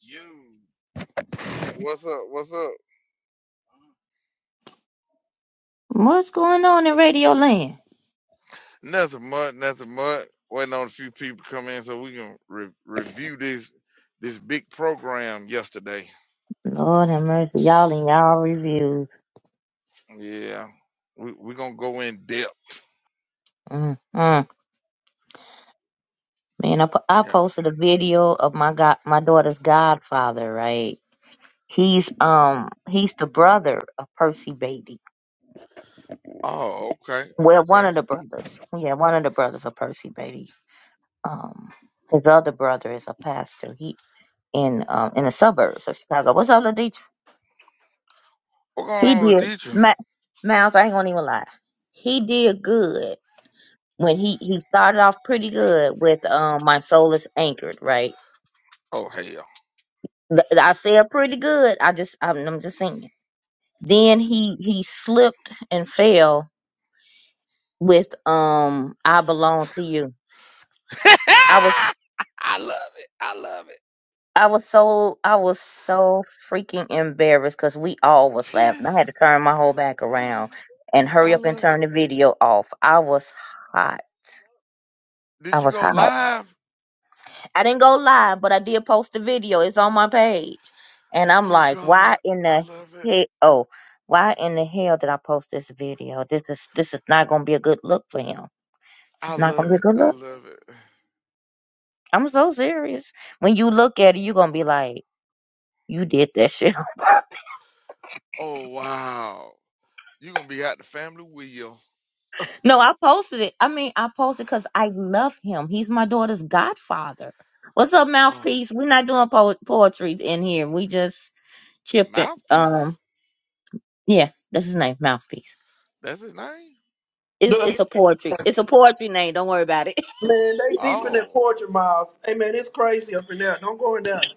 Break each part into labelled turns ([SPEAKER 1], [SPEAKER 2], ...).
[SPEAKER 1] You. What's up? What's up?
[SPEAKER 2] What's going on in Radio Land?
[SPEAKER 1] Nothing much. Nothing much. Waiting on a few people to come in so we can re- review this this big program yesterday.
[SPEAKER 2] Lord have mercy, y'all and y'all reviews.
[SPEAKER 1] Yeah, we we gonna go in depth.
[SPEAKER 2] Mm-mm. Man, I, po- I
[SPEAKER 1] Yeah.
[SPEAKER 2] posted a video of my god, my daughter's godfather. Right, he's um he's the brother of Percy Beatty.
[SPEAKER 1] Oh, okay,
[SPEAKER 2] Well, one
[SPEAKER 1] okay.
[SPEAKER 2] of the brothers. Yeah, one of the brothers of Percy Beatty. Um, his other brother is a pastor. He in um in the suburbs of Chicago. What's up, Ladich?
[SPEAKER 1] What's going
[SPEAKER 2] He
[SPEAKER 1] on with
[SPEAKER 2] did.
[SPEAKER 1] Dietrich?
[SPEAKER 2] Ma- Miles, I ain't gonna even lie. He did good when he he started off pretty good with um my soul is anchored right
[SPEAKER 1] Oh hell!
[SPEAKER 2] Th- i said pretty good i just i'm, I'm just saying then he he slipped and fell with um i belong to you i was
[SPEAKER 1] I love it. I love
[SPEAKER 2] i was so i was so freaking embarrassed because we all
[SPEAKER 1] it.
[SPEAKER 2] was laughing i had to
[SPEAKER 1] Yes,
[SPEAKER 2] turn my whole back around
[SPEAKER 1] yes. I,
[SPEAKER 2] and
[SPEAKER 1] I
[SPEAKER 2] hurry up and
[SPEAKER 1] love
[SPEAKER 2] turn
[SPEAKER 1] it.
[SPEAKER 2] the video off i was hot i
[SPEAKER 1] Did you
[SPEAKER 2] was
[SPEAKER 1] go
[SPEAKER 2] hot
[SPEAKER 1] live?
[SPEAKER 2] I didn't go live, but I did post the video. It's on my page. And I'm
[SPEAKER 1] Oh
[SPEAKER 2] like, why
[SPEAKER 1] God,
[SPEAKER 2] in
[SPEAKER 1] I
[SPEAKER 2] the
[SPEAKER 1] love it.
[SPEAKER 2] hell? Oh, why in the hell did I post this video? This is this is not gonna be a good look for him. It's
[SPEAKER 1] I
[SPEAKER 2] not gonna
[SPEAKER 1] love
[SPEAKER 2] be a
[SPEAKER 1] it.
[SPEAKER 2] good
[SPEAKER 1] I
[SPEAKER 2] look.
[SPEAKER 1] love it.
[SPEAKER 2] I'm so serious. When you look at it, you're gonna be like, you did that shit on purpose.
[SPEAKER 1] Oh wow. You gonna be out the family wheel.
[SPEAKER 2] No, I posted it. I mean, I posted because I love him. He's my daughter's godfather. What's up,
[SPEAKER 1] Oh,
[SPEAKER 2] mouthpiece? We're not doing po- poetry in here. We just chipping.
[SPEAKER 1] mouthpiece.
[SPEAKER 2] Um, yeah, that's his name, mouthpiece
[SPEAKER 1] That's his name.
[SPEAKER 2] It's
[SPEAKER 3] The,
[SPEAKER 2] it's a poetry. It's a poetry name. Don't worry about it.
[SPEAKER 3] man, they deep in that
[SPEAKER 1] Oh.
[SPEAKER 3] fortune miles. Hey man, it's crazy up in there. Don't go in there.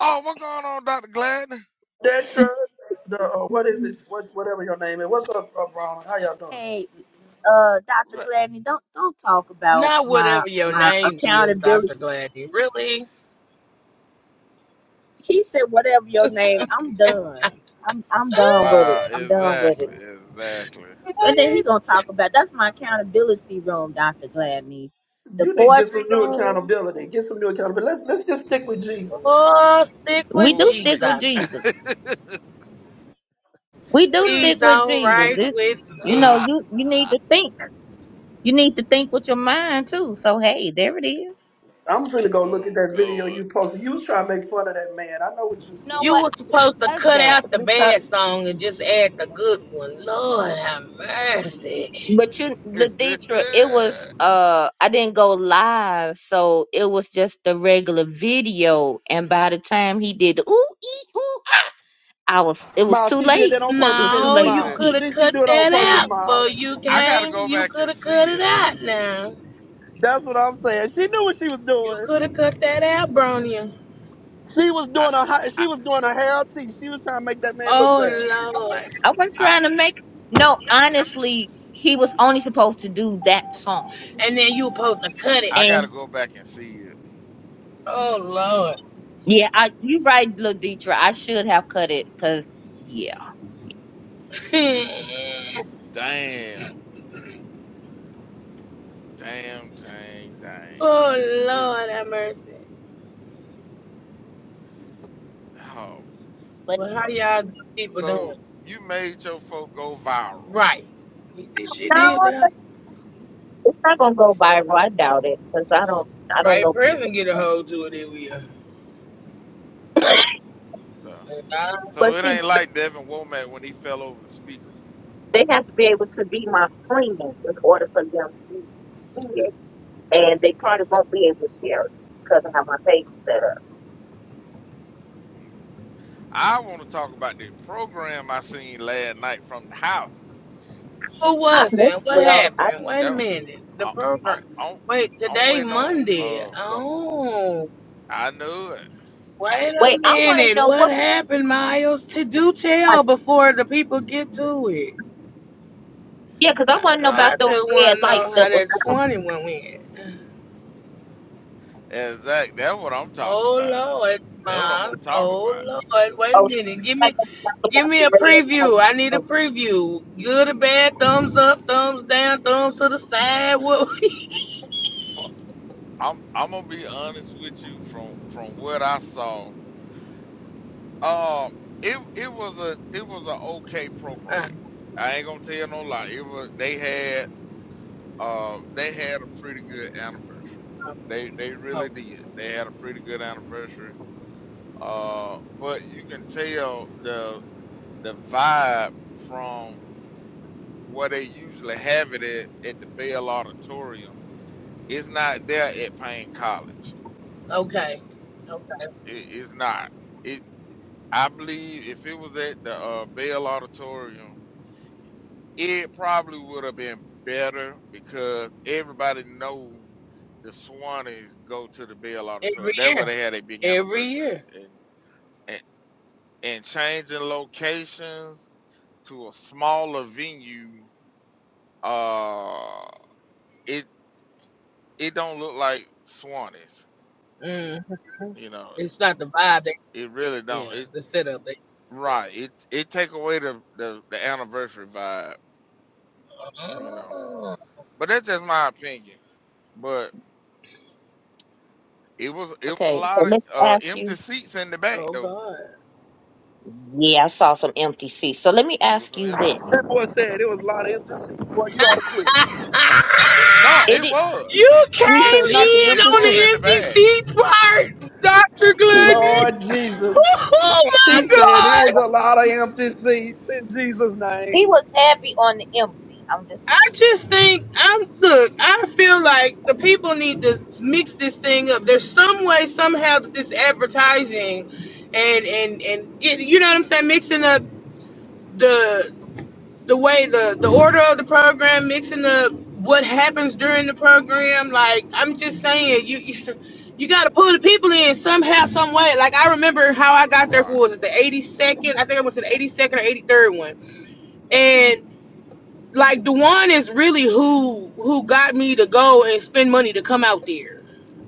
[SPEAKER 1] Oh, what's going on, Doctor Gladden?
[SPEAKER 3] That truck, the uh, what is it? What whatever your name is. What's up, uh, Ron? How y'all doing?
[SPEAKER 2] Hey, uh, Dr.
[SPEAKER 1] Re-
[SPEAKER 2] Gladney, don't don't talk about
[SPEAKER 4] Not
[SPEAKER 2] my
[SPEAKER 4] whatever your
[SPEAKER 2] my
[SPEAKER 4] name is,
[SPEAKER 2] accountability.
[SPEAKER 4] Dr. Gladney. Really?
[SPEAKER 2] He said, "Whatever your name, I'm done. I'm I'm done with it.
[SPEAKER 1] Wow,
[SPEAKER 4] Uh,
[SPEAKER 2] I'm done with it."
[SPEAKER 1] exactly, exactly.
[SPEAKER 2] And then he
[SPEAKER 4] What?
[SPEAKER 2] gonna talk about that's my accountability room, Dr. Gladney. The
[SPEAKER 3] You need to get
[SPEAKER 2] poetry
[SPEAKER 3] some new
[SPEAKER 2] room.
[SPEAKER 3] accountability. Get some new accountability. Let's let's just stick with Jesus.
[SPEAKER 4] Oh, stick
[SPEAKER 2] We
[SPEAKER 4] with
[SPEAKER 2] do
[SPEAKER 1] Oh we.
[SPEAKER 2] stick with
[SPEAKER 4] Jesus.
[SPEAKER 2] Jesus. We do
[SPEAKER 1] Is it
[SPEAKER 2] stick
[SPEAKER 4] He's
[SPEAKER 2] with
[SPEAKER 1] stick with
[SPEAKER 4] all
[SPEAKER 2] Jesus.
[SPEAKER 4] right
[SPEAKER 1] Jesus?
[SPEAKER 2] It,
[SPEAKER 4] with
[SPEAKER 2] you know,
[SPEAKER 4] me.
[SPEAKER 2] you you need to think. You need to think with your mind too. So hey, there it is.
[SPEAKER 3] I'm finna go look at
[SPEAKER 1] oh
[SPEAKER 3] that video
[SPEAKER 1] God.
[SPEAKER 3] you posted. You was trying to make fun of that man. I know what you was
[SPEAKER 2] You know
[SPEAKER 4] You
[SPEAKER 3] doing.
[SPEAKER 2] what?
[SPEAKER 4] were supposed to cut
[SPEAKER 2] husband
[SPEAKER 4] out the
[SPEAKER 2] because
[SPEAKER 4] bad song and just add the good one. Lord have mercy.
[SPEAKER 2] but you Laditra, it was uh I didn't go live, so it was just the regular video and by the time he did the ooh ee ooh ah, I was it was
[SPEAKER 3] Miles,
[SPEAKER 2] too
[SPEAKER 3] she did
[SPEAKER 2] late.
[SPEAKER 3] that on
[SPEAKER 2] It
[SPEAKER 3] purpose,
[SPEAKER 2] was too
[SPEAKER 3] didn't she,
[SPEAKER 4] No,
[SPEAKER 1] you
[SPEAKER 2] late.
[SPEAKER 4] you
[SPEAKER 1] said
[SPEAKER 3] Miles?
[SPEAKER 4] could
[SPEAKER 2] He,
[SPEAKER 4] have
[SPEAKER 3] Did she
[SPEAKER 4] cut
[SPEAKER 3] do it on
[SPEAKER 4] that
[SPEAKER 3] purpose,
[SPEAKER 4] out
[SPEAKER 3] Miles?
[SPEAKER 4] before you
[SPEAKER 1] I gotta
[SPEAKER 4] came.
[SPEAKER 1] go
[SPEAKER 4] You
[SPEAKER 1] back
[SPEAKER 4] could
[SPEAKER 1] and
[SPEAKER 4] have
[SPEAKER 1] see
[SPEAKER 4] cut it
[SPEAKER 1] it.
[SPEAKER 4] out now.
[SPEAKER 3] That's what I'm saying. She knew what she was
[SPEAKER 4] You
[SPEAKER 3] doing.
[SPEAKER 4] could have cut that out, Bronya.
[SPEAKER 3] She was
[SPEAKER 1] I
[SPEAKER 3] doing a hi-
[SPEAKER 1] I
[SPEAKER 3] she was doing a hair tea. She was trying to make that man look bad.
[SPEAKER 4] Oh, Lord.
[SPEAKER 2] I wasn't
[SPEAKER 1] I
[SPEAKER 2] trying to make no, honestly, he was only supposed to do that song.
[SPEAKER 4] And then you were supposed to cut it.
[SPEAKER 1] I gotta
[SPEAKER 2] And
[SPEAKER 1] go back and see it.
[SPEAKER 4] Oh, Lord.
[SPEAKER 2] yeah, I you right, Laditra. I should have cut it because yeah.
[SPEAKER 4] oh
[SPEAKER 1] Damn. Damn, dang, dang. Ooh.
[SPEAKER 4] Lord have mercy.
[SPEAKER 1] Oh
[SPEAKER 2] But
[SPEAKER 4] Well, how y'all people
[SPEAKER 1] So
[SPEAKER 4] doing?
[SPEAKER 1] you made your folk go viral.
[SPEAKER 4] Right. This shit
[SPEAKER 2] no,
[SPEAKER 4] did that.
[SPEAKER 2] it's not gonna go viral. I doubt it because I don't
[SPEAKER 4] The
[SPEAKER 2] I don't
[SPEAKER 4] right
[SPEAKER 2] know
[SPEAKER 4] person
[SPEAKER 2] people.
[SPEAKER 4] get a hold to it if we are.
[SPEAKER 1] So,
[SPEAKER 2] But
[SPEAKER 1] so it
[SPEAKER 2] see,
[SPEAKER 1] ain't like Devin Womack when he fell over the speaker.
[SPEAKER 2] They have to be able to be my friend in order for them to see it, and they probably won't be able to share it because of how my page is set up.
[SPEAKER 1] I want to talk about the program I seen last night from the house.
[SPEAKER 4] Who
[SPEAKER 2] I
[SPEAKER 4] was
[SPEAKER 2] messed
[SPEAKER 4] it? What
[SPEAKER 2] Well, I
[SPEAKER 4] happened? Wait a
[SPEAKER 1] No,
[SPEAKER 4] minute. The
[SPEAKER 1] I, I'm
[SPEAKER 4] program.
[SPEAKER 1] I'm
[SPEAKER 4] Wait,
[SPEAKER 1] I'm
[SPEAKER 4] today
[SPEAKER 1] waiting on
[SPEAKER 4] Monday.
[SPEAKER 1] uh some.
[SPEAKER 4] Oh.
[SPEAKER 1] I knew it.
[SPEAKER 4] Wait a
[SPEAKER 2] wait. I want to
[SPEAKER 4] minute.
[SPEAKER 2] know
[SPEAKER 4] What
[SPEAKER 2] what.
[SPEAKER 4] happened, Miles? To do
[SPEAKER 2] Like,
[SPEAKER 4] tell before the people get to it.
[SPEAKER 2] yeah, because I want to know
[SPEAKER 1] Nah,
[SPEAKER 2] about
[SPEAKER 4] I
[SPEAKER 2] those
[SPEAKER 4] just want
[SPEAKER 2] red
[SPEAKER 4] to
[SPEAKER 2] lights
[SPEAKER 4] know
[SPEAKER 2] that
[SPEAKER 4] how
[SPEAKER 2] was
[SPEAKER 4] that
[SPEAKER 2] on.
[SPEAKER 4] Swanee went in.
[SPEAKER 1] exact. That's what I'm talking
[SPEAKER 4] Oh
[SPEAKER 1] about.
[SPEAKER 4] Lord,
[SPEAKER 1] That's what I'm gonna
[SPEAKER 4] Mars.
[SPEAKER 1] talk
[SPEAKER 4] Oh
[SPEAKER 1] about.
[SPEAKER 4] Lord. Wait a
[SPEAKER 2] Oh, sh-
[SPEAKER 4] minute. Give
[SPEAKER 2] I
[SPEAKER 4] me
[SPEAKER 2] don't talk
[SPEAKER 4] give
[SPEAKER 2] about
[SPEAKER 4] me
[SPEAKER 2] the
[SPEAKER 4] a
[SPEAKER 2] red
[SPEAKER 4] preview. I
[SPEAKER 2] lights.
[SPEAKER 4] need a
[SPEAKER 2] Oh,
[SPEAKER 4] preview. Good or bad, thumbs up, thumbs down, thumbs to the side. What
[SPEAKER 1] Fuck. I'm I'm gonna be honest with you from from what I saw. Um, it it was a it was a okay program.
[SPEAKER 4] Uh,
[SPEAKER 1] I ain't gonna tell no lie. It was they had uh they had a pretty good anniversary. They they really
[SPEAKER 4] oh,
[SPEAKER 1] did. They had a pretty good anniversary. Uh, but you can tell the the vibe from where they usually have it at at the Bell Auditorium. It's not there at Payne College.
[SPEAKER 4] okay. Okay.
[SPEAKER 1] It, it's not. It I believe if it was at the uh, Bell Auditorium. it probably would have been better because everybody know the Swannies go to the Bell
[SPEAKER 4] Every
[SPEAKER 1] Auditorium. That's
[SPEAKER 4] year.
[SPEAKER 1] where they had a big
[SPEAKER 4] Every
[SPEAKER 1] anniversary,
[SPEAKER 4] year.
[SPEAKER 1] and and, and changing locations to a smaller venue, uh, it it don't look like Swannies.
[SPEAKER 4] Mm.
[SPEAKER 1] You know,
[SPEAKER 4] It's not the vibe they
[SPEAKER 1] it really don't.
[SPEAKER 4] yeah,
[SPEAKER 1] It
[SPEAKER 4] the setup they yeah.
[SPEAKER 1] right. It it take away the the, the anniversary vibe. You know,
[SPEAKER 4] Oh,
[SPEAKER 1] but that's just my opinion. But it was it was a
[SPEAKER 2] Okay, so
[SPEAKER 1] lot
[SPEAKER 2] let
[SPEAKER 1] of
[SPEAKER 2] me
[SPEAKER 1] uh,
[SPEAKER 2] ask
[SPEAKER 1] empty
[SPEAKER 2] you.
[SPEAKER 1] seats in the back
[SPEAKER 4] oh
[SPEAKER 1] though.
[SPEAKER 4] God.
[SPEAKER 2] Yeah, I saw some empty seats. So let me
[SPEAKER 1] It was
[SPEAKER 2] ask
[SPEAKER 1] an
[SPEAKER 2] you
[SPEAKER 1] empty.
[SPEAKER 2] this:
[SPEAKER 3] That boy said it was a lot of empty seats. Boy, you ought to quit.
[SPEAKER 1] No,
[SPEAKER 2] It,
[SPEAKER 1] it
[SPEAKER 2] it
[SPEAKER 1] was.
[SPEAKER 4] you
[SPEAKER 3] He
[SPEAKER 1] It
[SPEAKER 4] came
[SPEAKER 3] said, not
[SPEAKER 1] it
[SPEAKER 3] the
[SPEAKER 4] in
[SPEAKER 1] it
[SPEAKER 3] empty
[SPEAKER 4] on
[SPEAKER 1] was
[SPEAKER 4] the
[SPEAKER 3] seats.
[SPEAKER 1] in the
[SPEAKER 4] empty
[SPEAKER 1] bag.
[SPEAKER 4] seat part, Dr. Glenny.
[SPEAKER 3] Lord Jesus.
[SPEAKER 2] he was
[SPEAKER 4] Oh
[SPEAKER 2] heavy.
[SPEAKER 4] my
[SPEAKER 3] He said it was
[SPEAKER 4] God.
[SPEAKER 3] a
[SPEAKER 2] wasn't
[SPEAKER 3] lot of empty seats in Jesus'
[SPEAKER 2] He He
[SPEAKER 3] name.
[SPEAKER 2] was heavy on the empty. I'm just.
[SPEAKER 4] I just think I'm look, I feel like the people need to mix this thing up. There's some way somehow that this advertising and and and it, you know what I'm saying, mixing up the. the way the the order of the program, mixing up what happens during the program. Like I'm just saying, you you, you got to pull the people in somehow, some way. Like I remember how I got there
[SPEAKER 1] Right,
[SPEAKER 4] for was it the 82nd? I think I went to the 82nd or 83rd one, and like Dewan is really who who got me to go and spend money to come out there.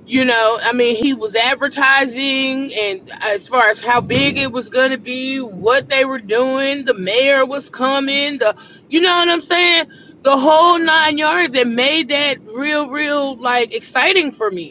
[SPEAKER 4] You know, I mean, he was advertising, and as far as how big it was gonna be, what they were doing, the mayor was coming, the you know what I'm saying, the whole
[SPEAKER 1] right,
[SPEAKER 4] nine yards. It made that real, real like exciting for me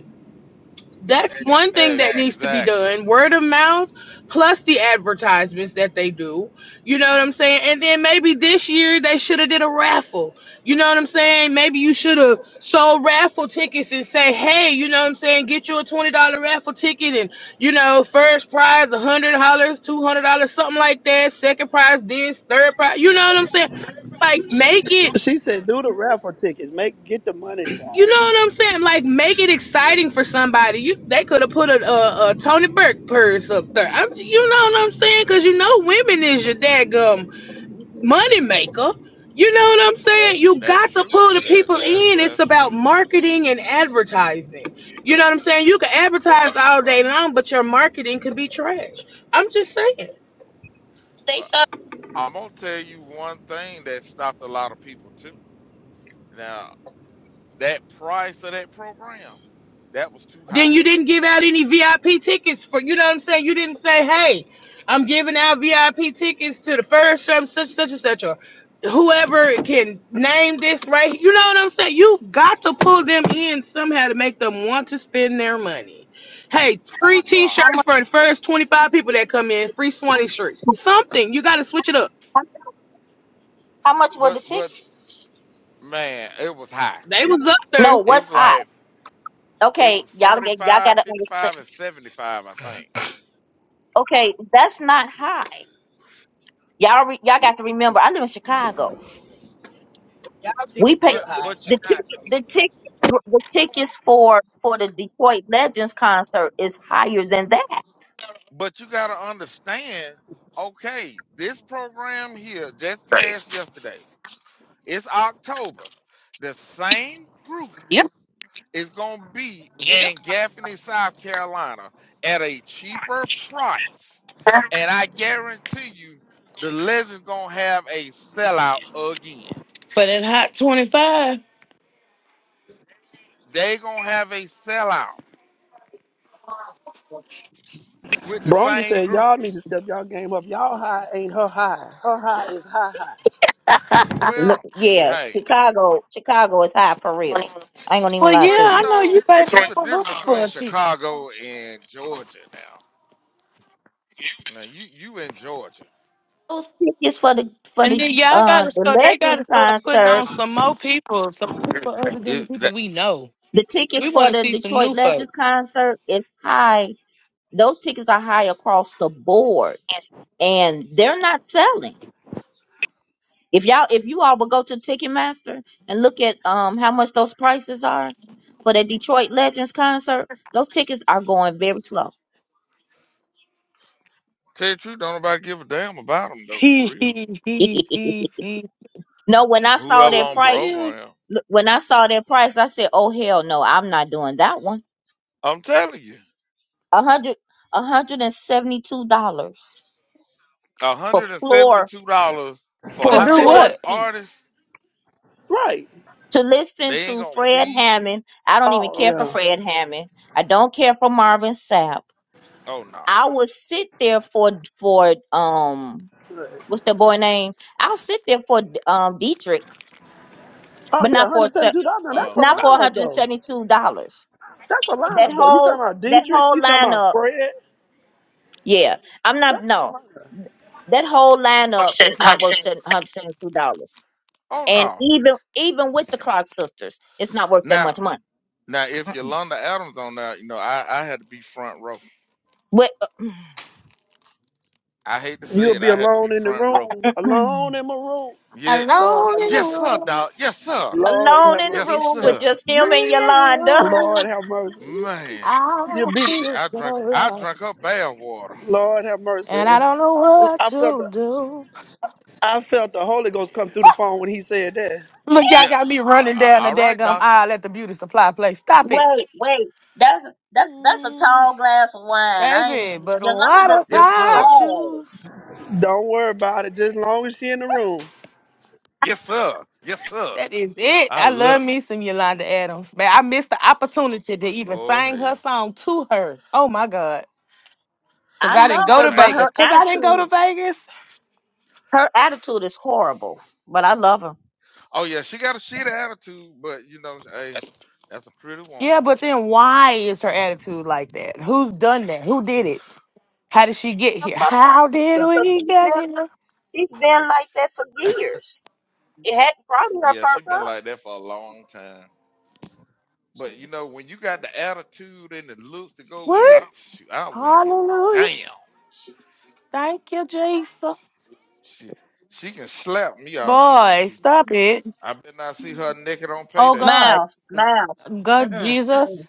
[SPEAKER 4] that's one thing
[SPEAKER 1] Ex-
[SPEAKER 4] that needs to be
[SPEAKER 1] exactly.
[SPEAKER 4] done word of mouth plus the advertisements that they do you know what i'm saying and then maybe this year they should have did a raffle you know what i'm saying maybe you should have sold raffle tickets and say hey you know what i'm saying get you a $20 raffle ticket and you know first prize $100 $200 something like that second prize this third prize you know what i'm saying like make it
[SPEAKER 3] She
[SPEAKER 1] But
[SPEAKER 3] said, do the raffle tickets. Make get the money,
[SPEAKER 4] you
[SPEAKER 3] child.
[SPEAKER 4] know what I'm saying? Like, make it
[SPEAKER 1] yeah,
[SPEAKER 4] exciting for somebody. You they could have put a, a, a Tony Burke purse up there. I'm, you know what I'm saying? Because you know women is your daggum money maker. You know what I'm saying? You
[SPEAKER 1] that's
[SPEAKER 4] got to
[SPEAKER 1] true.
[SPEAKER 4] pull the
[SPEAKER 1] That
[SPEAKER 4] people
[SPEAKER 1] that's
[SPEAKER 4] in. It's
[SPEAKER 1] that's
[SPEAKER 4] about
[SPEAKER 1] true.
[SPEAKER 4] marketing and advertising. You know what I'm saying? You can advertise all
[SPEAKER 1] But
[SPEAKER 4] day long, but your marketing could be trash. I'm just saying.
[SPEAKER 2] They
[SPEAKER 1] but
[SPEAKER 2] saw
[SPEAKER 1] I'm gonna tell you one thing that stopped a lot of people too. Now that price of that program that was too high.
[SPEAKER 4] then you didn't give out any VIP tickets for you know what I'm saying. You didn't say, "Hey, I'm giving out VIP tickets to the first such such and such, or whoever can name this right." here." You know what I'm saying. You've got to pull them in somehow to make them want to spend their money. Hey, free
[SPEAKER 1] Right,
[SPEAKER 2] how
[SPEAKER 4] T-shirts
[SPEAKER 2] much.
[SPEAKER 4] for the first 25 people that come in. Free Swanee shirts. Something you got to switch it up.
[SPEAKER 2] How much was
[SPEAKER 1] but
[SPEAKER 2] the ticket?
[SPEAKER 1] but man, it was high.
[SPEAKER 4] They was up there.
[SPEAKER 2] No,
[SPEAKER 1] It
[SPEAKER 2] what's
[SPEAKER 1] was
[SPEAKER 2] high?
[SPEAKER 1] like it
[SPEAKER 2] Okay,
[SPEAKER 1] was
[SPEAKER 2] y'all
[SPEAKER 1] forty
[SPEAKER 2] get y'all
[SPEAKER 1] five,
[SPEAKER 2] gotta
[SPEAKER 1] fifty
[SPEAKER 2] understand.
[SPEAKER 1] five, and 75, I think.
[SPEAKER 2] Okay, that's not high. Y'all re, y'all got to remember. I live in Chicago.
[SPEAKER 4] Y'all
[SPEAKER 2] We
[SPEAKER 4] tickets
[SPEAKER 2] pay
[SPEAKER 4] real
[SPEAKER 1] But
[SPEAKER 4] high
[SPEAKER 1] but
[SPEAKER 4] in
[SPEAKER 2] the ticket.
[SPEAKER 4] Chicago.
[SPEAKER 2] The tickets. The tickets for for the Detroit Legends concert is higher than that.
[SPEAKER 1] But you got to understand, okay, this program here just passed yesterday. It's October. The same
[SPEAKER 4] Yep.
[SPEAKER 1] groups is going to be
[SPEAKER 4] Yep.
[SPEAKER 1] in Gaffney, South Carolina at a cheaper price. And I guarantee you, the Legends going to have a sellout again. they going to have a sellout with the
[SPEAKER 3] Bronya
[SPEAKER 1] same
[SPEAKER 3] said, y'all need
[SPEAKER 1] groups.
[SPEAKER 3] to step y'all game up. Y'all high ain't her high. Her high is high high.
[SPEAKER 2] Look,
[SPEAKER 1] Well,
[SPEAKER 2] yeah,
[SPEAKER 1] hey,
[SPEAKER 2] Chicago. Chicago is high for real. I ain't gonna even
[SPEAKER 4] Well,
[SPEAKER 2] lie
[SPEAKER 4] yeah,
[SPEAKER 1] But
[SPEAKER 2] to
[SPEAKER 1] you
[SPEAKER 4] I
[SPEAKER 2] you.
[SPEAKER 4] know you
[SPEAKER 1] know,
[SPEAKER 4] say
[SPEAKER 1] it's a
[SPEAKER 4] people
[SPEAKER 1] difference
[SPEAKER 4] look for
[SPEAKER 1] between
[SPEAKER 4] a ticket.
[SPEAKER 1] Chicago and Georgia now. Now you you in Georgia.
[SPEAKER 2] Those tickets for the for
[SPEAKER 4] And
[SPEAKER 2] the
[SPEAKER 4] then y'all
[SPEAKER 2] uh
[SPEAKER 4] gotta
[SPEAKER 2] the
[SPEAKER 4] start. They
[SPEAKER 2] Legends
[SPEAKER 4] gotta start putting
[SPEAKER 2] concert.
[SPEAKER 4] on some more people, some people other than the
[SPEAKER 1] It,
[SPEAKER 4] people
[SPEAKER 1] that,
[SPEAKER 4] we know.
[SPEAKER 2] The tickets
[SPEAKER 4] We
[SPEAKER 2] for
[SPEAKER 4] want to
[SPEAKER 2] the
[SPEAKER 4] see some
[SPEAKER 2] Detroit
[SPEAKER 4] new
[SPEAKER 2] Legends
[SPEAKER 4] folks.
[SPEAKER 2] concert is high. Those tickets are high across the board and they're not selling. If y'all, if you all would go to Ticketmaster and look at um how much those prices are for the Detroit Legends concert, those tickets are going very slow.
[SPEAKER 1] tell you the truth, don't nobody give a damn about them though, for real.
[SPEAKER 2] no, when I saw
[SPEAKER 1] Whoever
[SPEAKER 2] that
[SPEAKER 1] on
[SPEAKER 2] price,
[SPEAKER 1] program,
[SPEAKER 2] look, when I saw that price, I said, "Oh hell no, I'm not doing that one."
[SPEAKER 1] I'm telling you,
[SPEAKER 2] A hundred, a hundred and seventy-two dollars for
[SPEAKER 1] hundred and seventy
[SPEAKER 2] floor
[SPEAKER 1] two dollars for
[SPEAKER 4] To
[SPEAKER 2] for
[SPEAKER 3] For a
[SPEAKER 1] how
[SPEAKER 4] do
[SPEAKER 1] many
[SPEAKER 2] floor
[SPEAKER 3] ticket?
[SPEAKER 4] what?
[SPEAKER 2] seats
[SPEAKER 1] artists?
[SPEAKER 3] Right.
[SPEAKER 2] to listen
[SPEAKER 1] They ain't
[SPEAKER 2] to
[SPEAKER 1] gonna
[SPEAKER 2] Fred
[SPEAKER 1] feed you.
[SPEAKER 2] Hammond. I don't even
[SPEAKER 3] Oh
[SPEAKER 1] Oh
[SPEAKER 2] care for
[SPEAKER 1] no.
[SPEAKER 3] yeah.
[SPEAKER 2] Fred Hammond. I don't care for Marvin Sapp.
[SPEAKER 1] Oh no.
[SPEAKER 2] I will sit there for for um
[SPEAKER 3] Right.
[SPEAKER 2] what's the boy name? I'll sit there for um Dietrich,
[SPEAKER 3] Oh
[SPEAKER 2] but
[SPEAKER 3] yeah,
[SPEAKER 2] not for a
[SPEAKER 3] hundred seventy
[SPEAKER 2] se-
[SPEAKER 3] two dollars. Now that's
[SPEAKER 1] Uh
[SPEAKER 3] a
[SPEAKER 2] not
[SPEAKER 1] no.
[SPEAKER 2] for one
[SPEAKER 3] lineup
[SPEAKER 2] hundred
[SPEAKER 3] though.
[SPEAKER 2] seventy two dollars.
[SPEAKER 3] That's a
[SPEAKER 2] That
[SPEAKER 3] lineup though. You
[SPEAKER 2] whole
[SPEAKER 3] talking about
[SPEAKER 2] that
[SPEAKER 3] Dietrich?
[SPEAKER 2] whole
[SPEAKER 3] You talking about
[SPEAKER 2] lineup,
[SPEAKER 3] Fred?
[SPEAKER 2] yeah. I'm not
[SPEAKER 3] That's a
[SPEAKER 2] no.
[SPEAKER 3] lineup.
[SPEAKER 2] That whole lineup
[SPEAKER 4] Hudson.
[SPEAKER 2] is not
[SPEAKER 4] Hudson.
[SPEAKER 2] worth one hundred seventy two dollars.
[SPEAKER 1] Oh
[SPEAKER 2] And
[SPEAKER 1] no.
[SPEAKER 2] even even with the Clark sisters, it's not worth that
[SPEAKER 1] Now
[SPEAKER 2] much money.
[SPEAKER 1] now if
[SPEAKER 2] Mm-mm.
[SPEAKER 1] Yolanda Adams on there, you know I I had to be front row.
[SPEAKER 2] With
[SPEAKER 1] I hate to say
[SPEAKER 3] You'll
[SPEAKER 1] it,
[SPEAKER 3] be
[SPEAKER 1] I had to be
[SPEAKER 3] alone in the
[SPEAKER 1] front row.
[SPEAKER 3] room,
[SPEAKER 2] alone
[SPEAKER 3] alone in my room.
[SPEAKER 1] Yeah.
[SPEAKER 3] Lord
[SPEAKER 4] Alone
[SPEAKER 3] have
[SPEAKER 4] in the
[SPEAKER 1] Yes,
[SPEAKER 3] mercy.
[SPEAKER 1] sir,
[SPEAKER 4] room,
[SPEAKER 1] dog. Yes, sir.
[SPEAKER 3] Lord have
[SPEAKER 2] in the
[SPEAKER 3] mercy.
[SPEAKER 1] Yes,
[SPEAKER 4] it's
[SPEAKER 2] room with
[SPEAKER 1] sir.
[SPEAKER 4] just
[SPEAKER 2] just
[SPEAKER 4] me
[SPEAKER 2] him and
[SPEAKER 4] and
[SPEAKER 2] Yolanda.
[SPEAKER 3] Lord
[SPEAKER 4] you.
[SPEAKER 3] have mercy.
[SPEAKER 1] Man.
[SPEAKER 4] I
[SPEAKER 3] You'll be,
[SPEAKER 1] Shit,
[SPEAKER 4] feel
[SPEAKER 1] I
[SPEAKER 4] so
[SPEAKER 1] drank I
[SPEAKER 4] lost,
[SPEAKER 1] drank her bath water.
[SPEAKER 3] Lord have
[SPEAKER 4] and I
[SPEAKER 3] mercy.
[SPEAKER 4] don't know what
[SPEAKER 3] I felt
[SPEAKER 4] to
[SPEAKER 3] the,
[SPEAKER 4] do.
[SPEAKER 3] I felt the Holy Ghost come through the
[SPEAKER 1] Yes.
[SPEAKER 3] phone when he said that.
[SPEAKER 4] Look, y'all
[SPEAKER 1] Yeah.
[SPEAKER 4] got me
[SPEAKER 1] Well,
[SPEAKER 4] running
[SPEAKER 1] a-
[SPEAKER 4] down the
[SPEAKER 1] all right,
[SPEAKER 4] daggum
[SPEAKER 1] doctor.
[SPEAKER 4] aisle at the beauty supply place. Stop it.
[SPEAKER 2] Wait, wait. That's that's that's a
[SPEAKER 1] Ooh.
[SPEAKER 2] tall glass of wine. I ain't
[SPEAKER 4] Baby, but what
[SPEAKER 2] Yolanda
[SPEAKER 4] if
[SPEAKER 1] Yes,
[SPEAKER 2] is
[SPEAKER 4] I
[SPEAKER 1] sir.
[SPEAKER 2] tall.
[SPEAKER 4] choose?
[SPEAKER 3] Don't worry about it, just long as she in the room.
[SPEAKER 1] Yes, sir. Yes, sir.
[SPEAKER 4] That is it.
[SPEAKER 1] I
[SPEAKER 4] I love
[SPEAKER 1] love it.
[SPEAKER 4] me some Yolanda Adams. Man, I missed the opportunity to even
[SPEAKER 1] Oh
[SPEAKER 4] sing
[SPEAKER 1] hell.
[SPEAKER 4] her song to her. Oh my God. Cause
[SPEAKER 2] I
[SPEAKER 4] I didn't
[SPEAKER 2] love
[SPEAKER 4] go
[SPEAKER 2] her,
[SPEAKER 4] to
[SPEAKER 2] but
[SPEAKER 1] Damn.
[SPEAKER 2] her
[SPEAKER 4] Vegas. Cause I didn't go to
[SPEAKER 2] attitude
[SPEAKER 4] Vegas.
[SPEAKER 2] her attitude is horrible. But I love her.
[SPEAKER 1] Oh yeah, she got a shit attitude, but you know, hey, that's a pretty woman.
[SPEAKER 4] Yeah, but then why is her attitude like that? Who's done that? Who did it? How did she get
[SPEAKER 2] Her
[SPEAKER 4] here?
[SPEAKER 2] first
[SPEAKER 4] How
[SPEAKER 2] so
[SPEAKER 4] did we
[SPEAKER 2] she's
[SPEAKER 4] get
[SPEAKER 2] been
[SPEAKER 4] here?
[SPEAKER 2] she's been like that for years. It had probably her
[SPEAKER 1] Yeah, she
[SPEAKER 2] first
[SPEAKER 1] been
[SPEAKER 2] up.
[SPEAKER 1] like that for a long time. But you know, when you got the attitude and the looks to go with
[SPEAKER 4] What?
[SPEAKER 1] it, shoot, I wouldn't give a
[SPEAKER 4] Hallelujah.
[SPEAKER 1] damn.
[SPEAKER 4] Thank you, Jesus.
[SPEAKER 1] She she can slap me all she want
[SPEAKER 4] Boy,
[SPEAKER 1] to.
[SPEAKER 4] stop it.
[SPEAKER 1] I better not see her naked on
[SPEAKER 4] Oh
[SPEAKER 1] payday.
[SPEAKER 4] God.
[SPEAKER 2] Miles, Miles.
[SPEAKER 4] God
[SPEAKER 2] Mm-mm, mm-mm,
[SPEAKER 4] Jesus.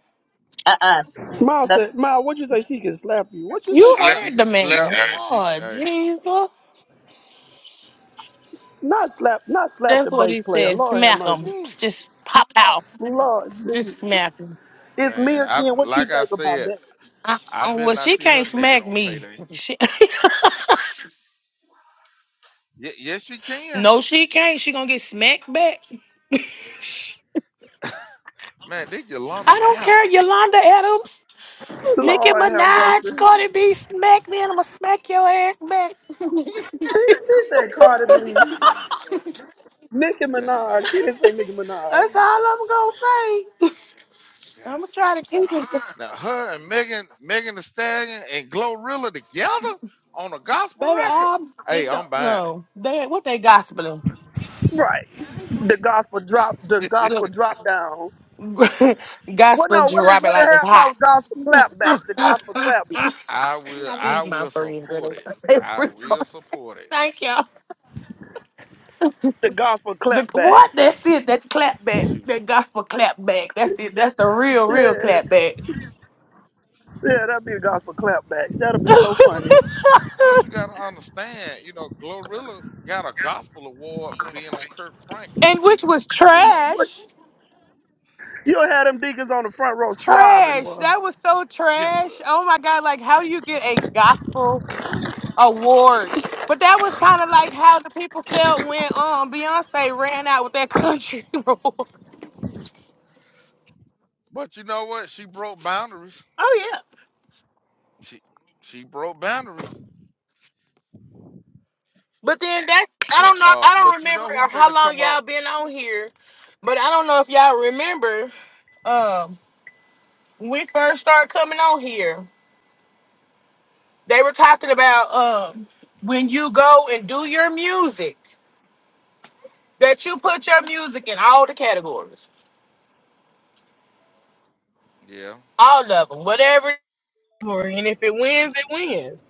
[SPEAKER 2] uh-uh.
[SPEAKER 3] Ma
[SPEAKER 2] That's
[SPEAKER 3] said, Ma, what you say she can slap you? What you say,
[SPEAKER 4] You
[SPEAKER 3] boy?
[SPEAKER 1] She
[SPEAKER 4] heard
[SPEAKER 1] can
[SPEAKER 4] the man.
[SPEAKER 1] slap me. She,
[SPEAKER 4] Oh
[SPEAKER 1] hey,
[SPEAKER 4] Jesus.
[SPEAKER 1] she-
[SPEAKER 3] Not slap, not slap
[SPEAKER 4] That's
[SPEAKER 3] the
[SPEAKER 4] what
[SPEAKER 3] bass
[SPEAKER 4] he
[SPEAKER 3] player.
[SPEAKER 4] said.
[SPEAKER 3] Lord have
[SPEAKER 4] Smack him.
[SPEAKER 3] mercy.
[SPEAKER 1] whew,
[SPEAKER 4] Just pop out.
[SPEAKER 3] Lord Jesus.
[SPEAKER 4] Just smack him.
[SPEAKER 3] It's me
[SPEAKER 1] man. I
[SPEAKER 3] again. What you
[SPEAKER 1] like I
[SPEAKER 3] think about
[SPEAKER 1] said,
[SPEAKER 3] that?
[SPEAKER 4] Uh,
[SPEAKER 1] I
[SPEAKER 4] uh,
[SPEAKER 1] better
[SPEAKER 4] well,
[SPEAKER 1] not
[SPEAKER 4] she
[SPEAKER 1] see her
[SPEAKER 4] can't
[SPEAKER 1] naked
[SPEAKER 4] smack
[SPEAKER 1] on
[SPEAKER 4] me.
[SPEAKER 1] payday.
[SPEAKER 4] She,
[SPEAKER 1] Ye yes, she can.
[SPEAKER 4] No, she can't. She gonna get smacked back.
[SPEAKER 1] Man, they Yolanda
[SPEAKER 4] I don't
[SPEAKER 1] Adams.
[SPEAKER 4] care. Yolanda Adams, Nicki
[SPEAKER 3] Lord have
[SPEAKER 4] Minaj,
[SPEAKER 3] mercy.
[SPEAKER 4] Cardi B, smack me, and I'ma smack your ass back.
[SPEAKER 3] She she said
[SPEAKER 1] Ooh
[SPEAKER 3] Cardi B.
[SPEAKER 1] wee,
[SPEAKER 3] Nicki
[SPEAKER 1] that's
[SPEAKER 3] Minaj. He
[SPEAKER 1] sad.
[SPEAKER 3] didn't say Nicki Minaj.
[SPEAKER 4] That's all I'm gonna say.
[SPEAKER 1] God.
[SPEAKER 4] I'ma try to keep it,
[SPEAKER 1] Now her and Megan, Megan the Stallion and Glorilla together on a gospel
[SPEAKER 4] baby.
[SPEAKER 1] record.
[SPEAKER 4] I'm
[SPEAKER 1] Hey,
[SPEAKER 4] it don't
[SPEAKER 1] I'm buying
[SPEAKER 4] no. They what they gospeling?
[SPEAKER 3] Right. The gospel drop. The
[SPEAKER 1] it.
[SPEAKER 4] The
[SPEAKER 3] gospel drop downs. Well,
[SPEAKER 4] gospel
[SPEAKER 3] no. What is
[SPEAKER 4] drop it
[SPEAKER 3] what the
[SPEAKER 4] like it's
[SPEAKER 3] hell called
[SPEAKER 4] hot.
[SPEAKER 3] gospel clapbacks? The gospel clapback.
[SPEAKER 1] I will.
[SPEAKER 4] Have a These
[SPEAKER 1] I
[SPEAKER 4] my
[SPEAKER 1] will
[SPEAKER 4] friends that
[SPEAKER 1] support it. I
[SPEAKER 4] are
[SPEAKER 1] will support it.
[SPEAKER 4] Thank y'all.
[SPEAKER 3] The gospel
[SPEAKER 4] The, what?
[SPEAKER 3] clapbacks.
[SPEAKER 4] That's it. That clap back.
[SPEAKER 1] Shoot.
[SPEAKER 4] That gospel clap back. That's it. That's the real, real
[SPEAKER 3] Yeah,
[SPEAKER 4] clap back.
[SPEAKER 3] yeah. That'll be the gospel clapbacks. That'll be so
[SPEAKER 1] Plus,
[SPEAKER 3] funny.
[SPEAKER 1] plus you got to understand, you know, Glorilla got a gospel award for being on Kirk Franklin.
[SPEAKER 4] and which was
[SPEAKER 1] You know,
[SPEAKER 3] But
[SPEAKER 4] trash.
[SPEAKER 3] you'll have them deacons on the front row slobbing,
[SPEAKER 4] Trash.
[SPEAKER 3] boy.
[SPEAKER 4] That was so
[SPEAKER 1] yes, sir.
[SPEAKER 4] trash. Oh my God. Like, how do you get a gospel
[SPEAKER 1] Really?
[SPEAKER 4] award? But that was kind of like how the people felt
[SPEAKER 1] Oh,
[SPEAKER 4] when
[SPEAKER 1] appreciate it.
[SPEAKER 4] um Beyonce ran out with that country award.
[SPEAKER 1] But you know what? She broke boundaries.
[SPEAKER 4] Oh yeah.
[SPEAKER 1] She she broke boundaries.
[SPEAKER 4] But then that's I
[SPEAKER 1] And
[SPEAKER 4] don't know
[SPEAKER 1] uh,
[SPEAKER 4] I don't
[SPEAKER 1] but you
[SPEAKER 4] remember
[SPEAKER 1] know who
[SPEAKER 4] how
[SPEAKER 1] finna
[SPEAKER 4] long
[SPEAKER 1] come up?
[SPEAKER 4] y'all been on here But I don't know if y'all remember, um, when we first started coming on here, they were talking about um when you go and do your music, that you put your music in all the categories,
[SPEAKER 1] Yeah.
[SPEAKER 4] all of them, whatever category, and if it wins, it wins.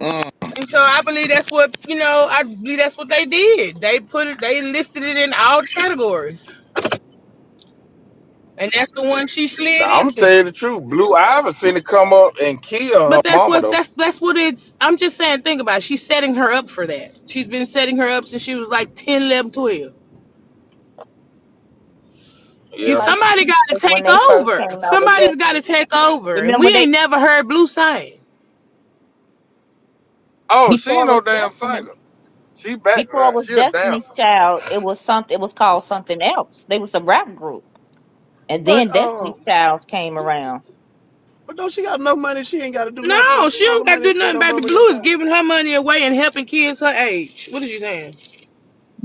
[SPEAKER 1] Mm.
[SPEAKER 4] And so I believe that's what you know. I believe that's what they did. They put it. They listed it in all the categories, and that's the one she
[SPEAKER 1] Now
[SPEAKER 4] slid
[SPEAKER 1] I'm gonna
[SPEAKER 4] into.
[SPEAKER 1] tell you the truth. Blue Ivy finna come up and kill her
[SPEAKER 4] But that's
[SPEAKER 1] mama
[SPEAKER 4] what
[SPEAKER 1] though.
[SPEAKER 4] that's that's what it's. I'm just saying. Think about. It. She's setting her up for that. She's been setting her up since she was like 10, 11, 12.
[SPEAKER 2] it's
[SPEAKER 4] You
[SPEAKER 1] Yeah.
[SPEAKER 2] like she
[SPEAKER 4] somebody got to
[SPEAKER 2] was when
[SPEAKER 4] take
[SPEAKER 2] they first came
[SPEAKER 4] over.
[SPEAKER 2] out with
[SPEAKER 4] Somebody's got
[SPEAKER 2] Destiny.
[SPEAKER 4] to take over, and
[SPEAKER 2] Remember
[SPEAKER 4] we
[SPEAKER 2] they
[SPEAKER 4] ain't never heard Blue sing.
[SPEAKER 1] Oh, she ain't
[SPEAKER 2] before it
[SPEAKER 1] no
[SPEAKER 2] was
[SPEAKER 1] damn
[SPEAKER 2] Destiny.
[SPEAKER 1] singer. She back.
[SPEAKER 2] Before it was
[SPEAKER 1] She a dancer.
[SPEAKER 2] Destiny's Child, it was something. It was called something else. They was a rap group, and
[SPEAKER 3] But
[SPEAKER 2] then
[SPEAKER 3] uh,
[SPEAKER 2] Destiny's Childs came around.
[SPEAKER 3] but don't she got enough money? She ain't got to do
[SPEAKER 4] No,
[SPEAKER 3] nothing.
[SPEAKER 4] she
[SPEAKER 3] All the
[SPEAKER 4] don't got to
[SPEAKER 3] money
[SPEAKER 4] do
[SPEAKER 3] that
[SPEAKER 4] nothing.
[SPEAKER 3] her
[SPEAKER 4] Baby
[SPEAKER 3] mama and them
[SPEAKER 4] Blue is
[SPEAKER 3] got.
[SPEAKER 4] giving her money away and helping kids her age. What is you saying?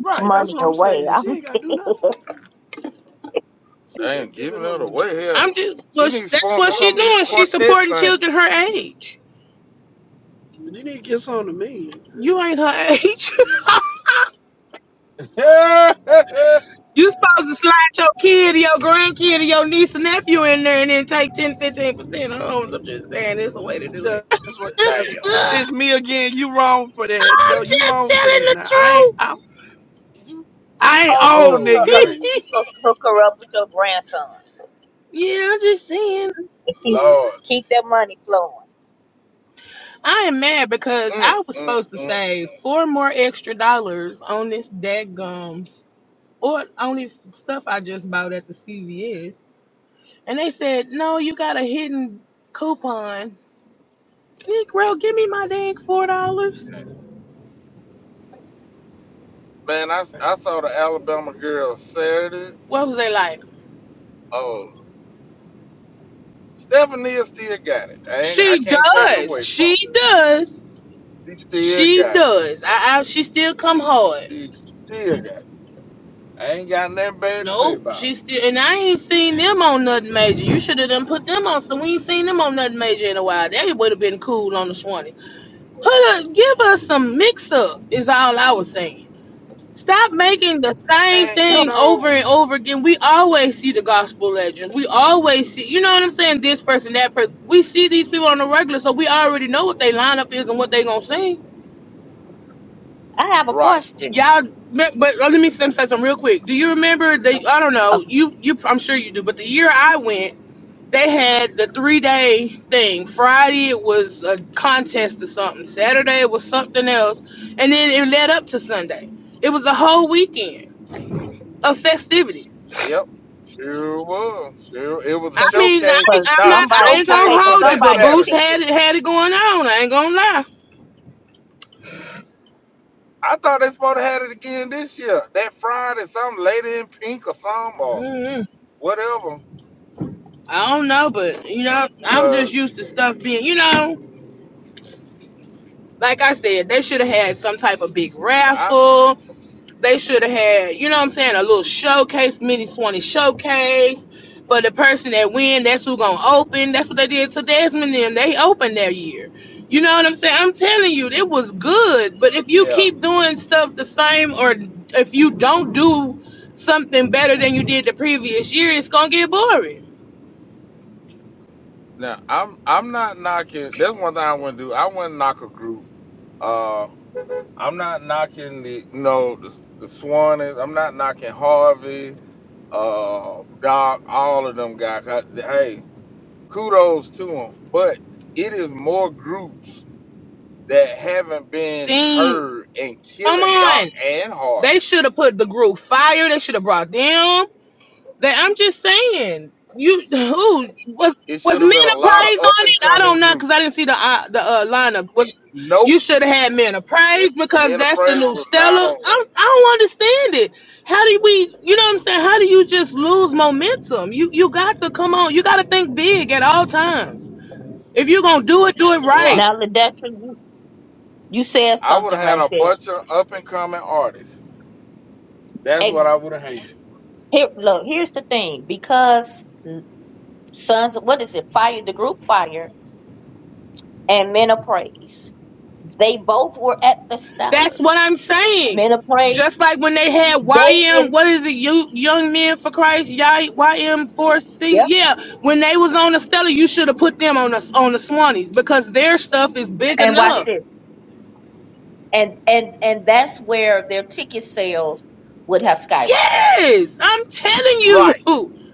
[SPEAKER 3] Right. That's
[SPEAKER 2] Money
[SPEAKER 3] what I'm
[SPEAKER 2] away.
[SPEAKER 3] saying.
[SPEAKER 2] I'm
[SPEAKER 3] She ain't got to
[SPEAKER 2] dead.
[SPEAKER 3] do nothing. She
[SPEAKER 1] Damn,
[SPEAKER 3] said, giving
[SPEAKER 1] giving
[SPEAKER 3] her
[SPEAKER 1] it
[SPEAKER 3] money
[SPEAKER 1] away here.
[SPEAKER 4] I'm just
[SPEAKER 1] She
[SPEAKER 4] well. sh-
[SPEAKER 1] needs to
[SPEAKER 4] That's
[SPEAKER 1] sponsor
[SPEAKER 4] what
[SPEAKER 3] away.
[SPEAKER 1] some
[SPEAKER 4] she's
[SPEAKER 1] of these
[SPEAKER 4] doing. She's
[SPEAKER 1] quartet
[SPEAKER 4] supporting
[SPEAKER 1] singers.
[SPEAKER 4] children her age.
[SPEAKER 3] But Then he gets on to me.
[SPEAKER 4] You ain't her age.
[SPEAKER 1] Damn.
[SPEAKER 4] You supposed to slide your kid or your grandkid or your niece and nephew in there and then take ten, fifteen 15% homes. I'm just saying it's a way to do it.
[SPEAKER 3] That's that's what. That's it's me again. You wrong for that, though.
[SPEAKER 4] I'm
[SPEAKER 3] You
[SPEAKER 4] just
[SPEAKER 3] wrong for that.
[SPEAKER 4] telling the
[SPEAKER 3] Now I ain't.
[SPEAKER 4] truth.
[SPEAKER 3] I'm,
[SPEAKER 2] You supposed
[SPEAKER 3] I ain't
[SPEAKER 2] to
[SPEAKER 3] old,
[SPEAKER 2] hook her
[SPEAKER 1] Oh,
[SPEAKER 2] up.
[SPEAKER 1] wait,
[SPEAKER 3] nigga.
[SPEAKER 2] You supposed to hook her up with your grandson
[SPEAKER 4] yeah, I'm just saying.
[SPEAKER 2] and keep
[SPEAKER 4] Yeah.
[SPEAKER 1] Lord.
[SPEAKER 2] keep that money flowing.
[SPEAKER 4] I am mad because
[SPEAKER 1] Mm,
[SPEAKER 4] I was
[SPEAKER 1] mm,
[SPEAKER 4] supposed to
[SPEAKER 1] mm.
[SPEAKER 4] save four more extra dollars on this daggum or on this stuff I just bought at the CVS. And they said, no, you got a hidden coupon. Negro, give me my dang $4.
[SPEAKER 1] Man, I, I saw the Alabama girl Saturday.
[SPEAKER 4] what was they like?
[SPEAKER 1] Oh, Stephanie still got it. I, ain't, I
[SPEAKER 4] She
[SPEAKER 1] can't take it away
[SPEAKER 4] does.
[SPEAKER 1] from
[SPEAKER 4] She does.
[SPEAKER 1] her. She still
[SPEAKER 4] She
[SPEAKER 1] got it.
[SPEAKER 4] does. I, I she still come hard.
[SPEAKER 1] She still got it. I ain't got nothing bad to say
[SPEAKER 4] Nope.
[SPEAKER 1] about
[SPEAKER 4] She
[SPEAKER 1] her.
[SPEAKER 4] still and I ain't seen
[SPEAKER 1] I Ain't-
[SPEAKER 4] them on
[SPEAKER 1] I ain't-
[SPEAKER 4] nothing major. You should have done put them on so we ain't seen them on nothing major in a while. They would have been cool on the 20. Put a give us some mix up is all I was saying. Stop making the same
[SPEAKER 1] And you
[SPEAKER 2] So
[SPEAKER 4] thing
[SPEAKER 1] know,
[SPEAKER 4] over and over again. We always see the gospel legends. We always see, you know what I'm saying? This person, that person. We see these people on the regular, so we already know what they lineup is and what they gonna sing.
[SPEAKER 2] I have a
[SPEAKER 1] right.
[SPEAKER 2] question.
[SPEAKER 4] Y'all, but but uh, let me say something real quick. Do you remember? They, I don't know. You, you. I'm sure you do. But the year I went, they had the three day thing. Friday it was a contest or something. Saturday it was something else, and then it led up to Sunday. It was a whole weekend of festivities.
[SPEAKER 1] Yep, sure was. Sure, it was a
[SPEAKER 4] I
[SPEAKER 2] Because
[SPEAKER 4] mean, I,
[SPEAKER 1] showcase.
[SPEAKER 4] ain't-
[SPEAKER 2] for
[SPEAKER 4] I'm
[SPEAKER 1] Now
[SPEAKER 4] not.
[SPEAKER 1] the
[SPEAKER 4] I
[SPEAKER 2] somebody,
[SPEAKER 4] ain't
[SPEAKER 2] I
[SPEAKER 1] showcase
[SPEAKER 2] pay
[SPEAKER 4] gonna
[SPEAKER 2] for
[SPEAKER 1] was
[SPEAKER 4] hold you,
[SPEAKER 1] that
[SPEAKER 4] but
[SPEAKER 2] somebody's
[SPEAKER 4] Boost
[SPEAKER 1] Saturday.
[SPEAKER 2] ticket.
[SPEAKER 4] had it had it going on. I ain't gonna lie.
[SPEAKER 1] I thought they supposed to have it again this year. That Friday, some lady in pink or some or
[SPEAKER 4] mm
[SPEAKER 1] whatever.
[SPEAKER 4] I don't know, but you know, I'm just
[SPEAKER 1] Cause
[SPEAKER 4] used to stuff being, you know, like I said, they should have had some type of big
[SPEAKER 1] I
[SPEAKER 4] raffle. They should have had, you know what I'm saying, a little showcase, mini Swanee showcase for the person that win. That's who gonna open. That's what they did to Desmond. Then they opened that year. You know what I'm saying? I'm telling you, it was good. But if you
[SPEAKER 1] yeah.
[SPEAKER 4] keep doing stuff the same, or if you don't do something better than you did the previous year, it's gonna get boring.
[SPEAKER 1] Now I'm I'm not knocking. That's one thing I wouldn't do. I wouldn't knock a group. Uh, I'm not knocking the you know the, the Swannies. I'm not knocking Harvey uh Doc, all of them guys. 'Cause, Hey, kudos to them. But it is more groups that haven't been
[SPEAKER 4] See,
[SPEAKER 1] heard and
[SPEAKER 4] come
[SPEAKER 1] killing Doc
[SPEAKER 4] on.
[SPEAKER 1] and
[SPEAKER 4] They
[SPEAKER 1] Harvey.
[SPEAKER 4] should have put the group fire. They should have brought them. That I'm just saying. You who was
[SPEAKER 1] It
[SPEAKER 4] was
[SPEAKER 1] should have been
[SPEAKER 4] men
[SPEAKER 1] a
[SPEAKER 4] of
[SPEAKER 1] lot of
[SPEAKER 4] praise
[SPEAKER 1] up
[SPEAKER 4] on
[SPEAKER 1] and
[SPEAKER 4] it? I
[SPEAKER 1] coming
[SPEAKER 4] don't know
[SPEAKER 1] groups.
[SPEAKER 4] because I didn't see the uh, the uh, lineup. Was,
[SPEAKER 1] Nope,
[SPEAKER 4] you should have had men of praise because
[SPEAKER 1] Men of
[SPEAKER 4] that's the
[SPEAKER 1] Praise
[SPEAKER 4] new
[SPEAKER 1] was not
[SPEAKER 4] Stella.
[SPEAKER 1] on there.
[SPEAKER 4] I'm, I don't understand it. How do we? You know what I'm saying? How do you just lose momentum? You you got to come on. You got to think big at all times. If you're gonna do it, do it
[SPEAKER 1] Right.
[SPEAKER 4] right.
[SPEAKER 2] Now, Ledetra, you you said
[SPEAKER 1] I would
[SPEAKER 2] something
[SPEAKER 1] have had
[SPEAKER 2] right
[SPEAKER 1] a
[SPEAKER 2] there.
[SPEAKER 1] bunch of up and coming artists. That's what
[SPEAKER 2] Ex-
[SPEAKER 1] I would have hated.
[SPEAKER 2] here, look, here's the thing. Because Sons, what is it? Fire, the group Fire, and Men of Praise. They both were at the
[SPEAKER 4] That's what
[SPEAKER 2] Stellars.
[SPEAKER 4] I'm saying.
[SPEAKER 2] Men of Praise,
[SPEAKER 4] Just like when they had
[SPEAKER 2] they in
[SPEAKER 4] YM, what is it, you, Young Men for Christ, Y- YM4C?
[SPEAKER 2] yep.
[SPEAKER 4] Yeah, when they was on the Stella, you should have put them on the, on the Swannies because their stuff is big
[SPEAKER 2] And watch
[SPEAKER 4] enough.
[SPEAKER 2] this, and and and that's where their ticket sales would have skyrocketed.
[SPEAKER 4] Yes, I'm telling you.
[SPEAKER 1] Right,
[SPEAKER 4] And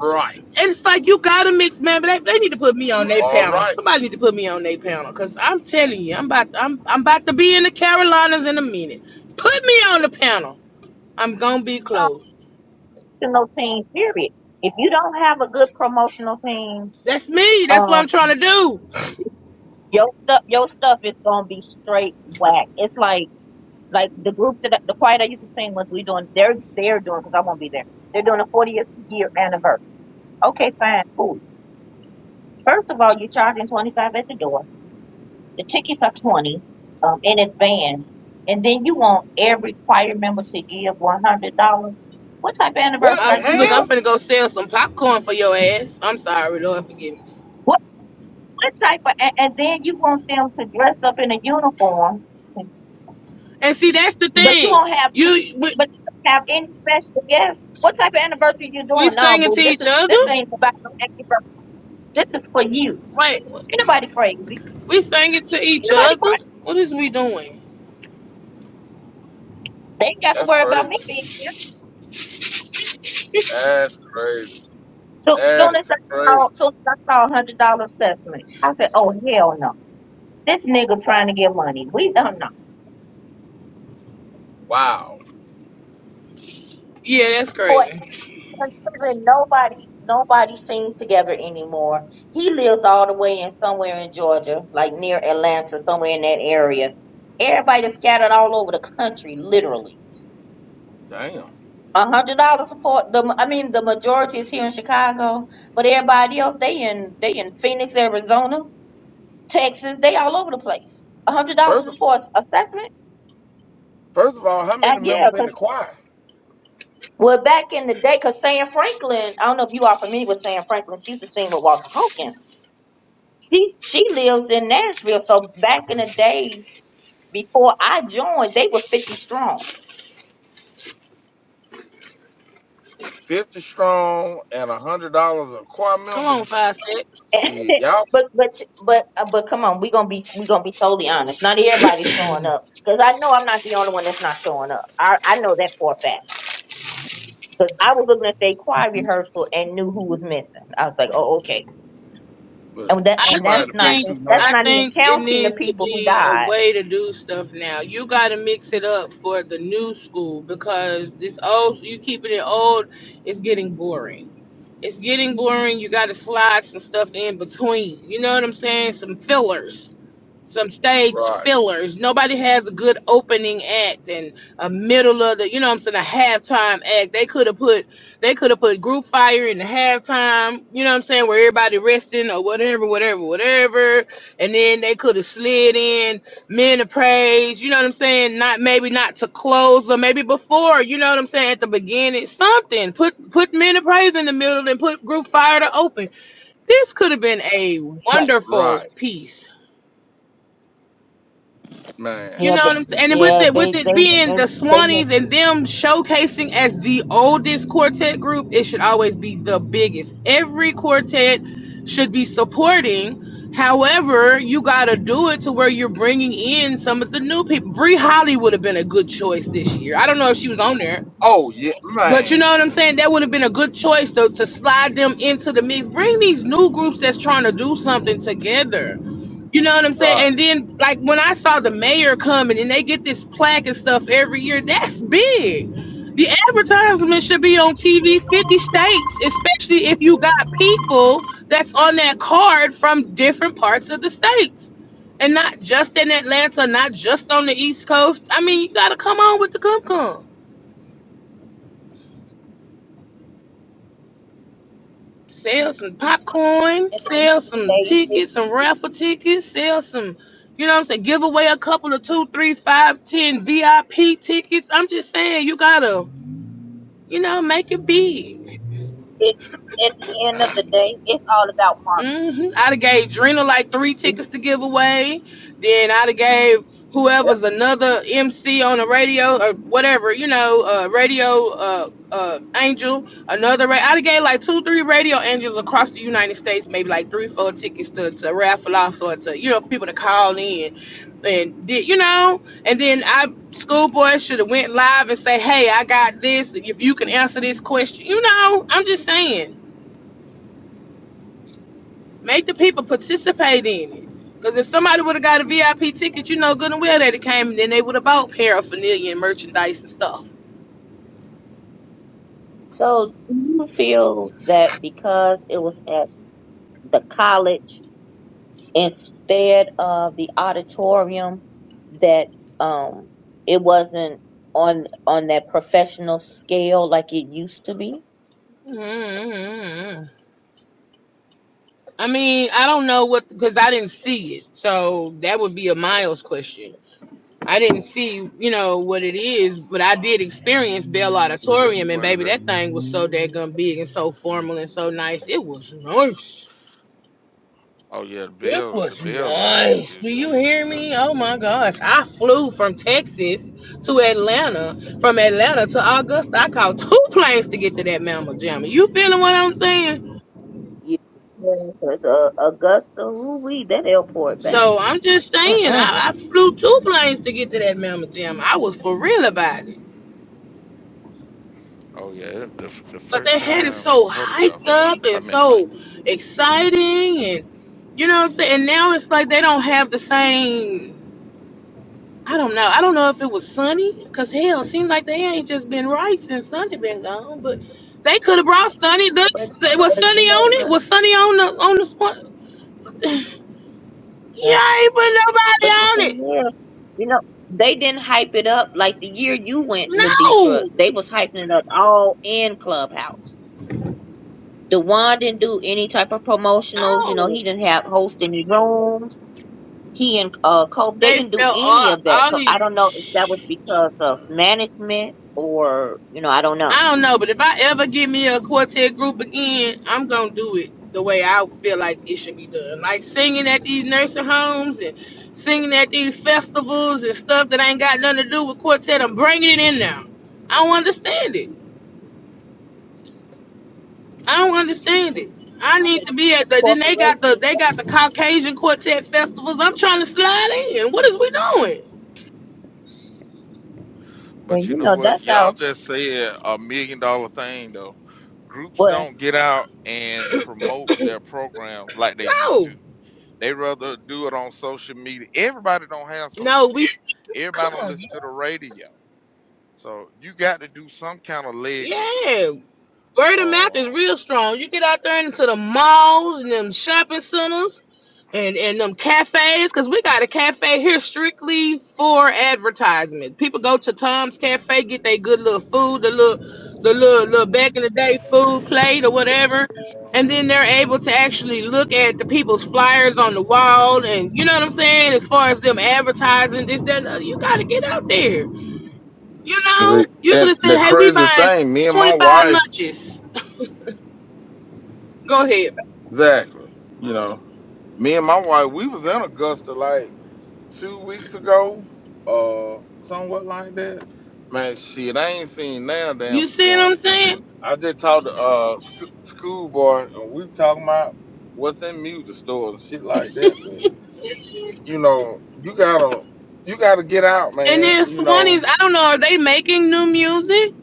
[SPEAKER 1] right.
[SPEAKER 4] it's like, you got to mix, man, but they, they need to put me on
[SPEAKER 1] You
[SPEAKER 4] their
[SPEAKER 1] all
[SPEAKER 4] panel.
[SPEAKER 1] right.
[SPEAKER 4] Somebody need to put me on their panel because I'm telling you, I'm about, I'm, I'm about to be in the Carolinas in a minute. Put me on the panel. I'm going to be close.
[SPEAKER 2] Promotional team, period. If you don't have a good promotional team,
[SPEAKER 4] That's me. That's what
[SPEAKER 2] um,
[SPEAKER 4] I'm trying to do.
[SPEAKER 2] your stuff, your stuff is gonna be straight whack. It's like like the group that I- the choir I used to sing with. We doing they're they're doing because I won't be there. They're doing a 40th year anniversary. Okay, fine, cool. First of all, you're charging twenty five at the door. The tickets are twenty um, in advance, and then you want every choir member to give one hundred dollars. What type of
[SPEAKER 1] What
[SPEAKER 2] anniversary
[SPEAKER 1] the
[SPEAKER 2] are
[SPEAKER 4] I'm
[SPEAKER 2] you
[SPEAKER 4] look.
[SPEAKER 2] doing?
[SPEAKER 4] I'm
[SPEAKER 1] hell?
[SPEAKER 4] finna go sell some popcorn for your ass. I'm sorry, Lord, forgive me.
[SPEAKER 2] What what type of? And, and then you want them to dress up in a uniform,
[SPEAKER 4] And see, that's the
[SPEAKER 2] but you
[SPEAKER 4] thing.
[SPEAKER 2] don't have any,
[SPEAKER 4] You we,
[SPEAKER 2] but you don't have any special guests. What type of anniversary you
[SPEAKER 4] we
[SPEAKER 2] doing? No,
[SPEAKER 4] sang it to
[SPEAKER 2] boo. This
[SPEAKER 4] each
[SPEAKER 2] is this
[SPEAKER 4] other.
[SPEAKER 2] ain't about no anniversary. This is for you.
[SPEAKER 4] Wait,
[SPEAKER 2] Ain't nobody crazy.
[SPEAKER 4] we sang it to
[SPEAKER 2] Ain't
[SPEAKER 4] each
[SPEAKER 2] nobody
[SPEAKER 4] other.
[SPEAKER 2] crazy.
[SPEAKER 4] What is we doing?
[SPEAKER 2] They ain't got to
[SPEAKER 1] That's
[SPEAKER 2] worry about
[SPEAKER 1] crazy.
[SPEAKER 2] me being here.
[SPEAKER 1] That's crazy.
[SPEAKER 2] So
[SPEAKER 1] That
[SPEAKER 2] soon as
[SPEAKER 1] is
[SPEAKER 2] I
[SPEAKER 1] crazy.
[SPEAKER 2] saw, soon as I saw a hundred dollar assessment, I said, "Oh hell no! This nigga trying to get money. We don't know."
[SPEAKER 1] Wow.
[SPEAKER 4] Yeah, that's
[SPEAKER 2] Or
[SPEAKER 4] crazy.
[SPEAKER 2] considering nobody, nobody sings together anymore. He lives all the way in somewhere in Georgia, like near Atlanta, somewhere in that area. Everybody is scattered all over the country, literally.
[SPEAKER 1] Damn.
[SPEAKER 2] A hundred dollars for the. I mean, the majority is here in Chicago, but everybody else they in they in Phoenix, Arizona, Texas. They all over the place. A hundred dollars
[SPEAKER 1] First of,
[SPEAKER 2] for assessment.
[SPEAKER 1] first of all, how
[SPEAKER 2] Uh,
[SPEAKER 1] many
[SPEAKER 2] yeah,
[SPEAKER 1] members in the
[SPEAKER 2] 'cause-
[SPEAKER 1] choir?
[SPEAKER 2] well, back in the day, because Sam Franklin, I don't know if you are familiar with Sam Franklin. She used to sing with Walter Hawkins. She she lives in Nashville, so back in the day, before I joined, they were fifty strong.
[SPEAKER 1] 50 strong and a hundred dollars a choir
[SPEAKER 4] Come
[SPEAKER 1] member,
[SPEAKER 4] on, five step.
[SPEAKER 1] shit, y'all,
[SPEAKER 2] but but but uh, but come on, we gonna be we gonna be totally honest. Not everybody's showing up because I know I'm not the only one that's not showing up. I I know that for a fact because I was looking at their choir rehearsal and knew who was missing. I was like, oh okay,
[SPEAKER 1] but
[SPEAKER 2] and that
[SPEAKER 4] I
[SPEAKER 1] you
[SPEAKER 2] and
[SPEAKER 1] might have
[SPEAKER 2] that's
[SPEAKER 4] just
[SPEAKER 1] to pay
[SPEAKER 2] not
[SPEAKER 4] think
[SPEAKER 2] that's
[SPEAKER 1] 200.
[SPEAKER 4] I
[SPEAKER 2] not even
[SPEAKER 4] think it
[SPEAKER 2] counting the
[SPEAKER 4] needs to
[SPEAKER 2] people who
[SPEAKER 4] be a
[SPEAKER 2] died
[SPEAKER 4] way to do stuff now. You got to mix it up for the new school because this old you keeping it old is getting boring. It's getting boring. You got to slide some stuff in between. You know what I'm saying? Some fillers. Some stage
[SPEAKER 1] Right,
[SPEAKER 4] fillers. Nobody has a good opening act and a middle of the, you know what I'm saying, a halftime act. They could have put they could have put group fire in the halftime, you know what I'm saying, where everybody resting or whatever, whatever, whatever. And then they could have slid in men of praise, you know what I'm saying? Not maybe not to close or maybe before, you know what I'm saying, at the beginning. Something. Put put men of praise in the middle and put group fire to open. This could have been a
[SPEAKER 2] Right.
[SPEAKER 4] wonderful
[SPEAKER 1] right,
[SPEAKER 4] piece.
[SPEAKER 1] man.
[SPEAKER 4] You
[SPEAKER 2] Yeah,
[SPEAKER 4] know
[SPEAKER 2] but
[SPEAKER 4] what I'm saying? And with
[SPEAKER 2] yeah,
[SPEAKER 4] it with
[SPEAKER 2] they they
[SPEAKER 4] it being
[SPEAKER 2] they
[SPEAKER 4] the
[SPEAKER 2] they miss
[SPEAKER 4] Swannies and them showcasing as the oldest quartet group, it should always be the biggest. Every quartet should be supporting. However, you gotta do it to where you're bringing in some of the new people. Bree Holly would have been a good choice this year. I don't know if she was on there,
[SPEAKER 1] Oh, yeah,
[SPEAKER 4] but
[SPEAKER 1] man,
[SPEAKER 4] you know what I'm saying? That would have been a good choice to, to slide them into the mix. Bring these new groups that's trying to do something together. You know what I'm saying?
[SPEAKER 1] right.
[SPEAKER 4] And then, like, when I saw the mayor coming and they get this plaque and stuff every year, that's big. The advertisement should be on TV 50 states, especially if you got people that's on that card from different parts of the states. And not just in Atlanta, not just on the East Coast. I mean, you got to come on with the cum cum. Sell some popcorn,
[SPEAKER 2] At the end of
[SPEAKER 4] sell
[SPEAKER 2] the
[SPEAKER 4] some
[SPEAKER 2] day,
[SPEAKER 4] tickets,
[SPEAKER 2] it's
[SPEAKER 4] some raffle tickets, sell some, you know what I'm saying, give away a couple of two, three, five, ten VIP tickets. I'm just saying you gotta, you know, make it big.
[SPEAKER 2] it, at the end of the day, it's all about marketing.
[SPEAKER 4] hmm I'd have gave Drina like three tickets
[SPEAKER 2] Yep.
[SPEAKER 4] to give away. Then I'd have gave whoever's another MC on the radio or whatever, you know, uh, radio uh, uh, angel, another. Ra- I'd have gave like two, three radio angels across the United States, maybe like three, four tickets to, to raffle off or to, you know, for people to call in. And did you know? And then I schoolboy should have went live and say, "Hey, I got this. If you can answer this question, you know." I'm just saying Make the people participate in it. Because if somebody would have got a VIP ticket, you know good and well that it came, and then they would have bought paraphernalia and merchandise and stuff.
[SPEAKER 2] So do you feel that because it was at the college instead of the auditorium that um it wasn't on on that professional scale like it used to be?
[SPEAKER 4] Mm-hmm. I mean, I don't know what, because I didn't see it. So that would be a Miles question. I didn't see, you know, what it is, but I did experience Bell Auditorium, and
[SPEAKER 1] What is
[SPEAKER 4] baby,
[SPEAKER 1] it?
[SPEAKER 4] that thing was so daggum big and so formal and so nice. It was nice.
[SPEAKER 1] Oh, yeah, the
[SPEAKER 4] It
[SPEAKER 1] bill, the
[SPEAKER 4] was
[SPEAKER 1] bill is,
[SPEAKER 4] nice.
[SPEAKER 1] is
[SPEAKER 4] Do you
[SPEAKER 1] real
[SPEAKER 4] hear
[SPEAKER 1] good.
[SPEAKER 4] me? Oh my gosh. I flew from Texas to Atlanta. From Atlanta to Augusta. I caught two planes to get to that mammal jamma. You feeling what I'm saying?
[SPEAKER 2] Yeah, 'cause, uh, Augusta, ooh, that airport, back.
[SPEAKER 4] So I'm just saying,
[SPEAKER 2] Mm-mm.
[SPEAKER 4] I, I flew two planes to get to that mammal jamma. I was for real about it.
[SPEAKER 1] Oh, yeah, it- the, f- the
[SPEAKER 4] But
[SPEAKER 1] first
[SPEAKER 4] they had it
[SPEAKER 1] time,
[SPEAKER 4] so
[SPEAKER 1] hold it, y'all,
[SPEAKER 4] hyped
[SPEAKER 1] hold up.
[SPEAKER 4] up and
[SPEAKER 1] I'm in the bank.
[SPEAKER 4] so exciting and you know what I'm saying? And now it's like they don't have the same I don't know. I don't know if it was Sunny, cause hell, it seemed like they ain't just been right since Sunny been gone. But they could have brought Sunny.
[SPEAKER 2] But
[SPEAKER 4] The, was
[SPEAKER 2] but you
[SPEAKER 4] Sunny
[SPEAKER 2] know
[SPEAKER 4] on
[SPEAKER 2] what?
[SPEAKER 4] it? Was Sunny on the on the spot?
[SPEAKER 2] Yeah.
[SPEAKER 4] you ain't put nobody
[SPEAKER 2] But the
[SPEAKER 4] on it.
[SPEAKER 2] thing is, you know, they didn't hype it up like the year you went, Laditra.
[SPEAKER 4] No,
[SPEAKER 2] They was hyping it up all in Clubhouse. Dewan didn't do any type of promotionals. You know,
[SPEAKER 4] no.
[SPEAKER 2] he didn't have host any rooms. He and uh, Cope, they
[SPEAKER 4] They
[SPEAKER 2] didn't do
[SPEAKER 4] fell
[SPEAKER 2] any
[SPEAKER 4] off.
[SPEAKER 2] of that.
[SPEAKER 4] All
[SPEAKER 2] So I don't know if that
[SPEAKER 4] these.
[SPEAKER 2] was because of management or, you know, I don't know.
[SPEAKER 4] I don't know, but if I ever get me a quartet group again, I'm gonna do it the way I feel like it should be done. Like singing at these nursing homes and singing at these festivals and stuff that ain't got nothing to do with quartet. I'm bringing it in now. I don't understand it. I don't understand it. I
[SPEAKER 2] I bet
[SPEAKER 4] need to be at the. Then they got the
[SPEAKER 2] corporations,
[SPEAKER 4] they got the Caucasian quartet festivals. I'm trying to slide in. What is we doing?
[SPEAKER 2] well,
[SPEAKER 1] But you
[SPEAKER 2] you
[SPEAKER 1] know
[SPEAKER 2] know,
[SPEAKER 1] what?
[SPEAKER 2] that's
[SPEAKER 1] Y'all
[SPEAKER 2] how,
[SPEAKER 1] just said a million dollar thing though. Groups
[SPEAKER 2] well,
[SPEAKER 1] don't get out and promote their programs like they used
[SPEAKER 4] No,
[SPEAKER 1] to. They rather do it on social media. Everybody don't have social
[SPEAKER 4] no,
[SPEAKER 1] media.
[SPEAKER 4] we come.
[SPEAKER 1] Everybody don't
[SPEAKER 4] on.
[SPEAKER 1] listen to the radio. So you got to do some kind of legwork. work.
[SPEAKER 4] Yeah, Word of mouth is
[SPEAKER 1] Uh,
[SPEAKER 4] real strong. You get out there into the malls and them shopping centers and, and them cafes, because we got a cafe here strictly for advertisement. People go to Tom's Cafe, get their good little food, the little the little, little back in the day food plate or whatever. And then they're able to actually look at the people's flyers on the wall and you know what I'm saying? As far as them advertising, this, that, and the other, you gotta get out there. You know?
[SPEAKER 1] The-
[SPEAKER 4] You could
[SPEAKER 1] And
[SPEAKER 4] have said,
[SPEAKER 1] the
[SPEAKER 4] Hey, we
[SPEAKER 1] crazy
[SPEAKER 4] buying
[SPEAKER 1] thing, me and
[SPEAKER 4] twenty
[SPEAKER 1] my
[SPEAKER 4] five
[SPEAKER 1] wife,
[SPEAKER 4] lunches Go ahead.
[SPEAKER 1] exactly, you know, me and my wife, we was in Augusta, like. two weeks ago, uh, somewhat like that. Man, shit, I ain't seen now damn
[SPEAKER 4] You see what
[SPEAKER 1] swan.
[SPEAKER 4] I'm saying?
[SPEAKER 1] I just talked to uh sc- school boy, and we talking about what's in music stores and shit like that. But you know, you gotta you gotta get out,
[SPEAKER 4] And
[SPEAKER 1] man.
[SPEAKER 4] then
[SPEAKER 1] You know,
[SPEAKER 4] Swannies, I don't know, are they making new music?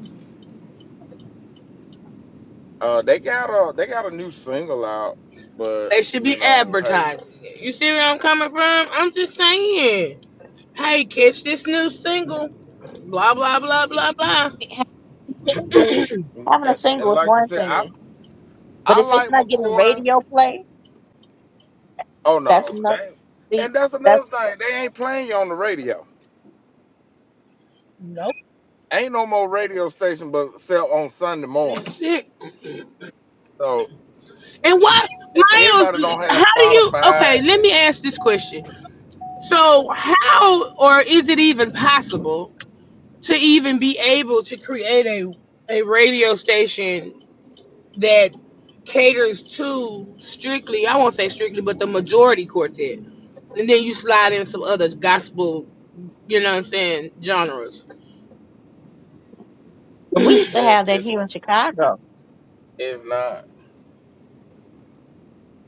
[SPEAKER 1] uh, they got a they got a new single out, but
[SPEAKER 4] They should
[SPEAKER 1] you
[SPEAKER 4] be
[SPEAKER 1] know, hey,
[SPEAKER 4] advertising it. You see where I'm coming from? I'm just saying. Hey, catch this new single. Blah blah blah blah blah.
[SPEAKER 2] having a single
[SPEAKER 1] and,
[SPEAKER 2] having a
[SPEAKER 1] and and
[SPEAKER 2] single is
[SPEAKER 1] like you
[SPEAKER 2] one
[SPEAKER 1] said, I
[SPEAKER 2] thing. But
[SPEAKER 1] I
[SPEAKER 2] if
[SPEAKER 1] like
[SPEAKER 2] it's not getting
[SPEAKER 1] McCoy.
[SPEAKER 2] radio play,
[SPEAKER 1] Oh
[SPEAKER 2] That's
[SPEAKER 1] no,
[SPEAKER 2] enough.
[SPEAKER 1] they
[SPEAKER 2] See,
[SPEAKER 1] and that's another
[SPEAKER 2] that's
[SPEAKER 1] thing. They ain't playing you on the radio
[SPEAKER 4] Nope.
[SPEAKER 1] ain't no more radio station but sell on Sunday
[SPEAKER 4] Same.
[SPEAKER 1] mornings.
[SPEAKER 4] That's it.
[SPEAKER 1] So
[SPEAKER 4] And why,
[SPEAKER 1] and everybody
[SPEAKER 4] Miles?
[SPEAKER 1] don't have
[SPEAKER 4] How do you?
[SPEAKER 1] Spotify
[SPEAKER 4] Okay, let me
[SPEAKER 1] and
[SPEAKER 4] ask this question. So, how or is it even possible to even be able to create a a radio station that caters to strictly, I won't say strictly, but the majority quartet. And then you slide in some other gospel, you know what I'm saying, genres.
[SPEAKER 2] we used to
[SPEAKER 1] it,
[SPEAKER 2] have that
[SPEAKER 1] it
[SPEAKER 2] here in Chicago.
[SPEAKER 1] it's not.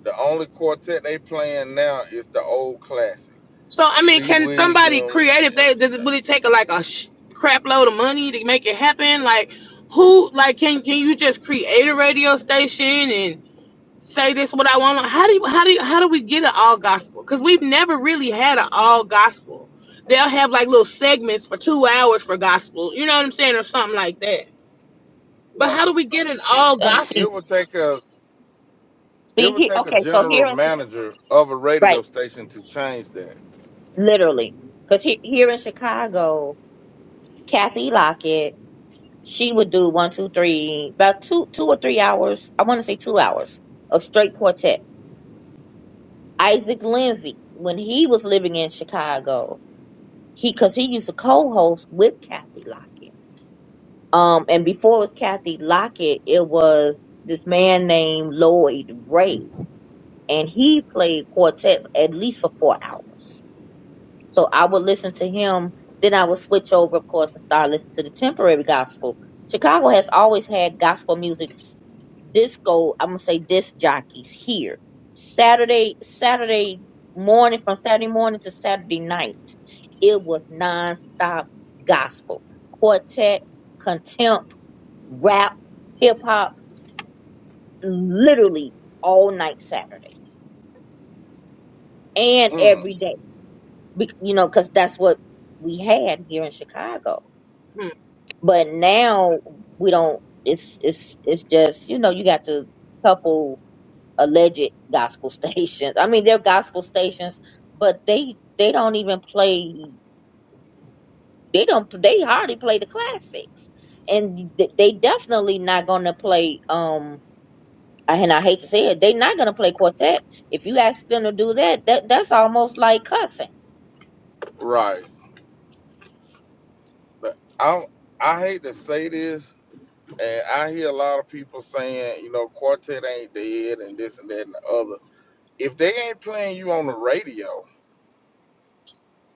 [SPEAKER 1] The only quartet they playing now is the old classics.
[SPEAKER 4] So, I mean,
[SPEAKER 1] Lee
[SPEAKER 4] can somebody
[SPEAKER 1] Williams,
[SPEAKER 4] creative, they, does it really take a, like a sh- crap load of money to make it happen? Like, who, like, can, can you just create a radio station and? say this what I want. How do you how do you, how do we get an all gospel? Because we've never really had an all gospel. They'll have like little segments for two hours for gospel. You know what I'm saying, or something like that. But
[SPEAKER 1] right.
[SPEAKER 4] how do we get an all
[SPEAKER 2] And
[SPEAKER 1] It
[SPEAKER 2] see,
[SPEAKER 1] it
[SPEAKER 4] gospel?
[SPEAKER 1] would take a it
[SPEAKER 2] see,
[SPEAKER 1] would
[SPEAKER 2] he,
[SPEAKER 1] take a
[SPEAKER 2] okay, so
[SPEAKER 1] general
[SPEAKER 2] here in
[SPEAKER 1] manager of a
[SPEAKER 2] right,
[SPEAKER 1] radio station to change that.
[SPEAKER 2] literally, because he, here in Chicago, Kathy Lockett, she would do one, two, three, about two, two or three hours. I want to say two hours of straight quartet. Isaac Lindsay, when he was living in Chicago, he because he used to co-host with Kathy Lockett. Um, and before it was Kathy Lockett, it was this man named Lloyd Bray and he played quartet at least for four hours. So I would listen to him. Then I would switch over, of course, and start listening to the temporary gospel. Chicago has always had gospel music, disco. I'm gonna say disc jockeys here. Saturday, Saturday morning, from Saturday morning to Saturday night, it was nonstop gospel, quartet, contempt, rap, hip hop, literally all night Saturday and
[SPEAKER 1] Mm,
[SPEAKER 2] every day. Be- you know, because that's what we had here in Chicago.
[SPEAKER 4] Hmm.
[SPEAKER 2] But now we don't. It's it's it's just you know you got the couple alleged gospel stations. I mean, they're gospel stations, but they they don't even play. They don't. They hardly play the classics, and th- they definitely not going to play. Um, and I hate to say it, they're not going to play quartet. If you ask them to do that, that that's almost like cussing.
[SPEAKER 1] right. But I I hate to say this, and I hear a lot of people saying, you know, quartet ain't dead and this and that and the other if they ain't playing you on the radio,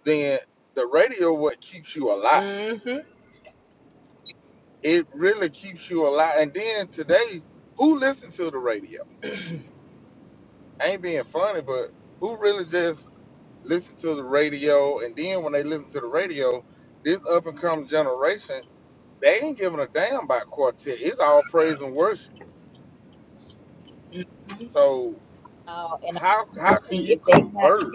[SPEAKER 1] then the radio what keeps you alive.
[SPEAKER 4] Mm-hmm.
[SPEAKER 1] It really keeps you alive. And then today, who listen to the radio? I ain't being funny, but who really just listen to the radio? And then when they listen to the radio, this up and coming generation, they ain't giving a damn about quartet. It's all praise and worship. So
[SPEAKER 2] Uh, and
[SPEAKER 1] how how can
[SPEAKER 2] honestly,
[SPEAKER 1] you
[SPEAKER 2] if they not
[SPEAKER 1] convert?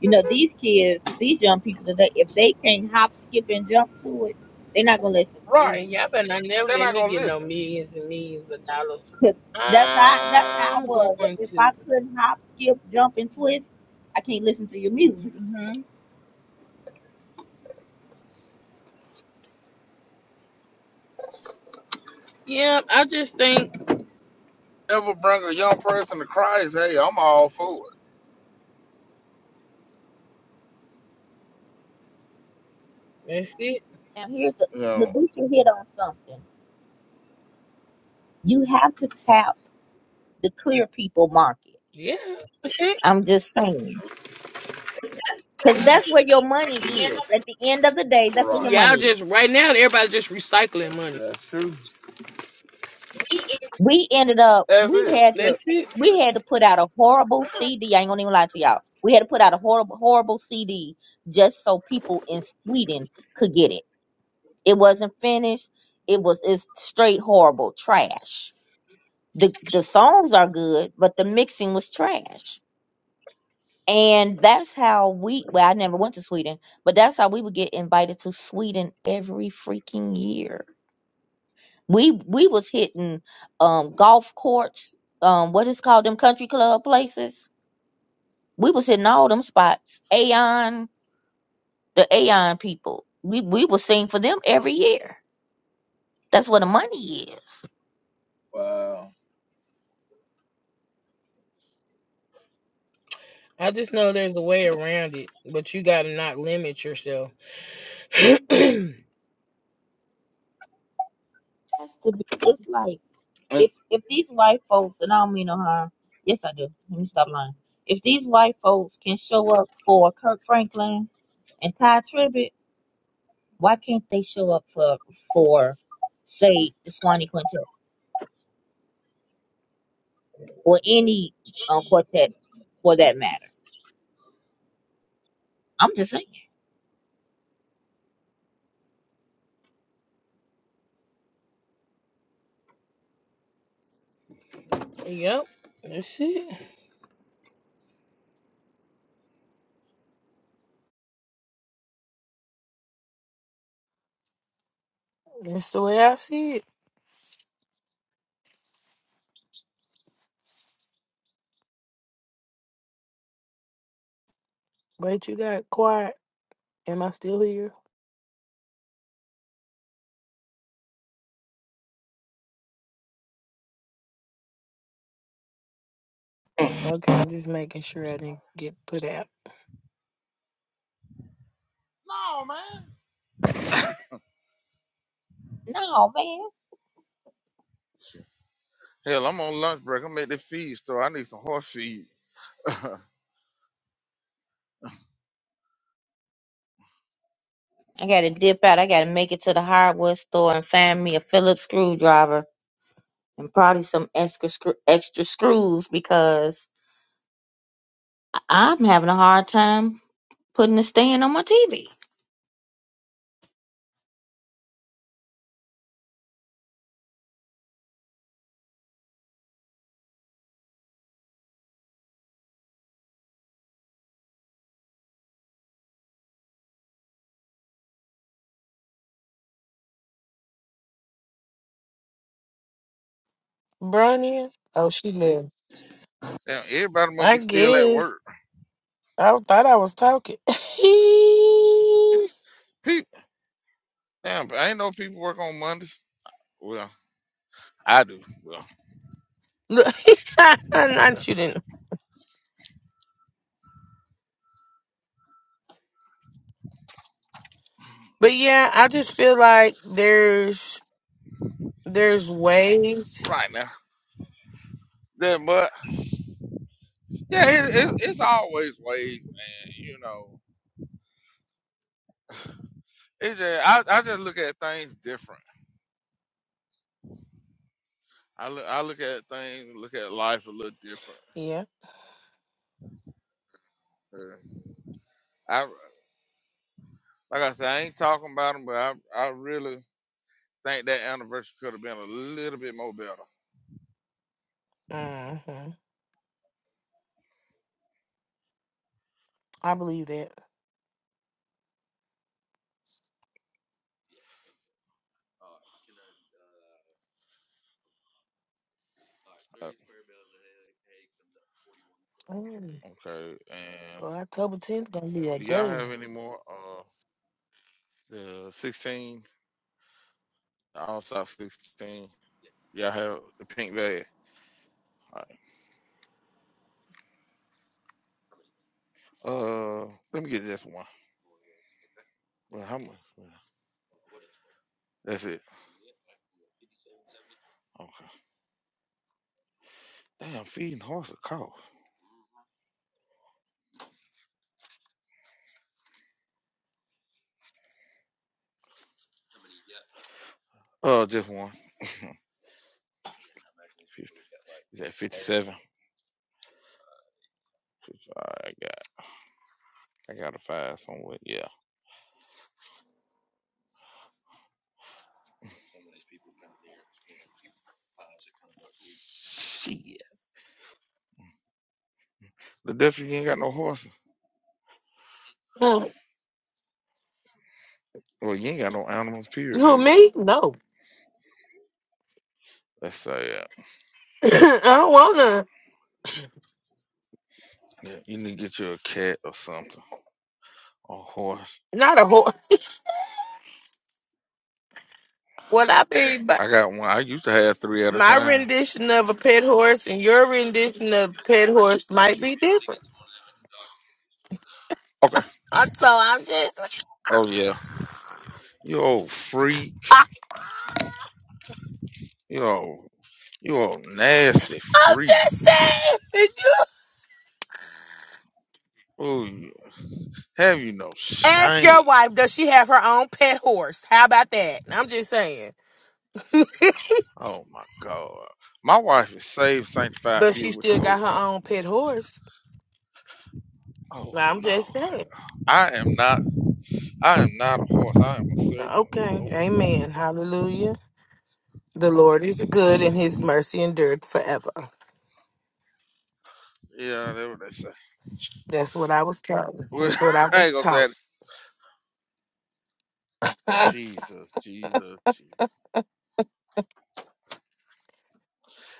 [SPEAKER 2] You know, these kids, these young people today, if they can't hop, skip, and jump to it, they're not gonna listen.
[SPEAKER 1] Right.
[SPEAKER 4] Man, y'all better not never
[SPEAKER 1] They're
[SPEAKER 4] let
[SPEAKER 1] not
[SPEAKER 4] me
[SPEAKER 1] gonna
[SPEAKER 4] get no
[SPEAKER 1] listen.
[SPEAKER 4] millions and millions of dollars.
[SPEAKER 2] 'Cause That's how that's how I
[SPEAKER 4] I'm
[SPEAKER 2] was.
[SPEAKER 4] going
[SPEAKER 2] If
[SPEAKER 4] to.
[SPEAKER 2] I couldn't hop, skip, jump, and twist, I can't listen to your music.
[SPEAKER 4] Yeah, I just think
[SPEAKER 1] Ever bring a young person to Christ, hey, I'm all for it.
[SPEAKER 4] that's it.
[SPEAKER 2] Now here's a,
[SPEAKER 1] You know,
[SPEAKER 2] Laduca hit on something. You have to tap the clear people market.
[SPEAKER 4] Yeah.
[SPEAKER 2] I'm just saying. Because that's where your money is. At the end of the day, that's
[SPEAKER 1] right.
[SPEAKER 2] where your
[SPEAKER 4] Y'all
[SPEAKER 2] money is.
[SPEAKER 4] just right now everybody's just recycling money.
[SPEAKER 1] That's true.
[SPEAKER 2] We ended up,
[SPEAKER 1] That's
[SPEAKER 2] we
[SPEAKER 1] it.
[SPEAKER 2] had to,
[SPEAKER 4] That's it.
[SPEAKER 2] we had to put out a horrible CD. I ain't gonna even lie to y'all. We had to put out a horrible, horrible CD just so people in Sweden could get it. It wasn't finished. It was, it's straight horrible trash. The, the songs are good, but the mixing was trash. And that's how we, well, I never went to Sweden, but that's how we would get invited to Sweden every freaking year we we was hitting um golf courts um what is called them country club places we was hitting all them spots aeon the aeon people we we was sing for them every year that's where the money is
[SPEAKER 1] Wow.
[SPEAKER 4] I just know there's a way around it, but you gotta not limit yourself. yep,
[SPEAKER 2] has to be it's like
[SPEAKER 1] And
[SPEAKER 2] if if these white folks and i don't mean no harm yes i do let me stop lying if these white folks can show up for kirk franklin and ty tribbett why can't they show up for for say the swanee quintet or any uh, quartet for that matter. I'm just saying.
[SPEAKER 4] that's it. That's the way I see it. Yeah.
[SPEAKER 1] no, man.
[SPEAKER 2] No, man.
[SPEAKER 1] Hell, I'm on lunch break. I'm at the feed store. I need some horse feed. damn,
[SPEAKER 2] I gotta dip out. I gotta make it to the hardware store and find me a Phillips screwdriver and probably some extra screw, extra screws because I- I'm having a hard time putting the stand on my TV.
[SPEAKER 4] Bronny. Oh, she knew.
[SPEAKER 1] everybody must
[SPEAKER 4] I
[SPEAKER 1] be still at
[SPEAKER 4] guess.
[SPEAKER 1] work.
[SPEAKER 4] I thought I was talking.
[SPEAKER 1] People, damn, but I ain't know people work on Mondays. Well, I do. Well,
[SPEAKER 4] Look, Not you didn't. But yeah, I just feel like there's there's ways.
[SPEAKER 1] right now. Then, but yeah, it, it, it's always ways, man. You know, it's just I, I just look at things different. I look I look at things, look at life a little different. Uh, I like I said, I ain't talking about them, but I I really think that anniversary could have been a little bit more better. Okay. And do y'all have any more? Uh, the 16, the All Star 16. Y'all have the pink bag. All right. Uh, let me get this one. Well, how much? well, That's it. Okay. Damn, feeding horse a cow. Uh, just one. Is that 57? All right, I got, I got a five somewhere. Yeah. Shit. The death you ain't got no horses.
[SPEAKER 4] Huh.
[SPEAKER 1] Well, you ain't got no animals.
[SPEAKER 4] You
[SPEAKER 1] Period. Do
[SPEAKER 4] know
[SPEAKER 1] you?
[SPEAKER 4] me? No.
[SPEAKER 1] Let's say,
[SPEAKER 4] I don't wanna.
[SPEAKER 1] yeah, you need to get you a cat or something. A horse.
[SPEAKER 4] Not a whole. What I
[SPEAKER 1] Mm.
[SPEAKER 4] mean,
[SPEAKER 1] I got one. I used to have three at a
[SPEAKER 4] My
[SPEAKER 1] time.
[SPEAKER 4] rendition of a pet horse and your rendition of pet horse
[SPEAKER 1] Thank
[SPEAKER 4] might be different.
[SPEAKER 1] Okay.
[SPEAKER 4] Uh, So I'm just,
[SPEAKER 1] Oh yeah. You old freak. You old you old nasty
[SPEAKER 4] I'm
[SPEAKER 1] freak.
[SPEAKER 4] just saying. If you
[SPEAKER 1] Oh yeah. Have you no
[SPEAKER 4] ask your
[SPEAKER 1] shame?
[SPEAKER 4] wife, does she have her own pet horse? How about that? I'm just saying.
[SPEAKER 1] Oh my God. My wife is saved, sanctified,
[SPEAKER 4] But she
[SPEAKER 1] filled with the
[SPEAKER 4] still got
[SPEAKER 1] Holy Ghost.
[SPEAKER 4] her own pet horse.
[SPEAKER 1] Oh
[SPEAKER 4] I'm just
[SPEAKER 1] Lord.
[SPEAKER 4] saying.
[SPEAKER 1] I am not I am not a horse. I am a servant of
[SPEAKER 4] Okay.
[SPEAKER 1] the Lord.
[SPEAKER 4] Amen. Hallelujah. The Lord is good and his mercy endured forever.
[SPEAKER 1] Yeah, that's what they say.
[SPEAKER 4] That's what I was taught.
[SPEAKER 1] Well,
[SPEAKER 4] That's what I
[SPEAKER 1] I
[SPEAKER 4] was
[SPEAKER 1] ain't gonna say
[SPEAKER 4] taught.
[SPEAKER 1] it. Jesus, Jesus, Jesus.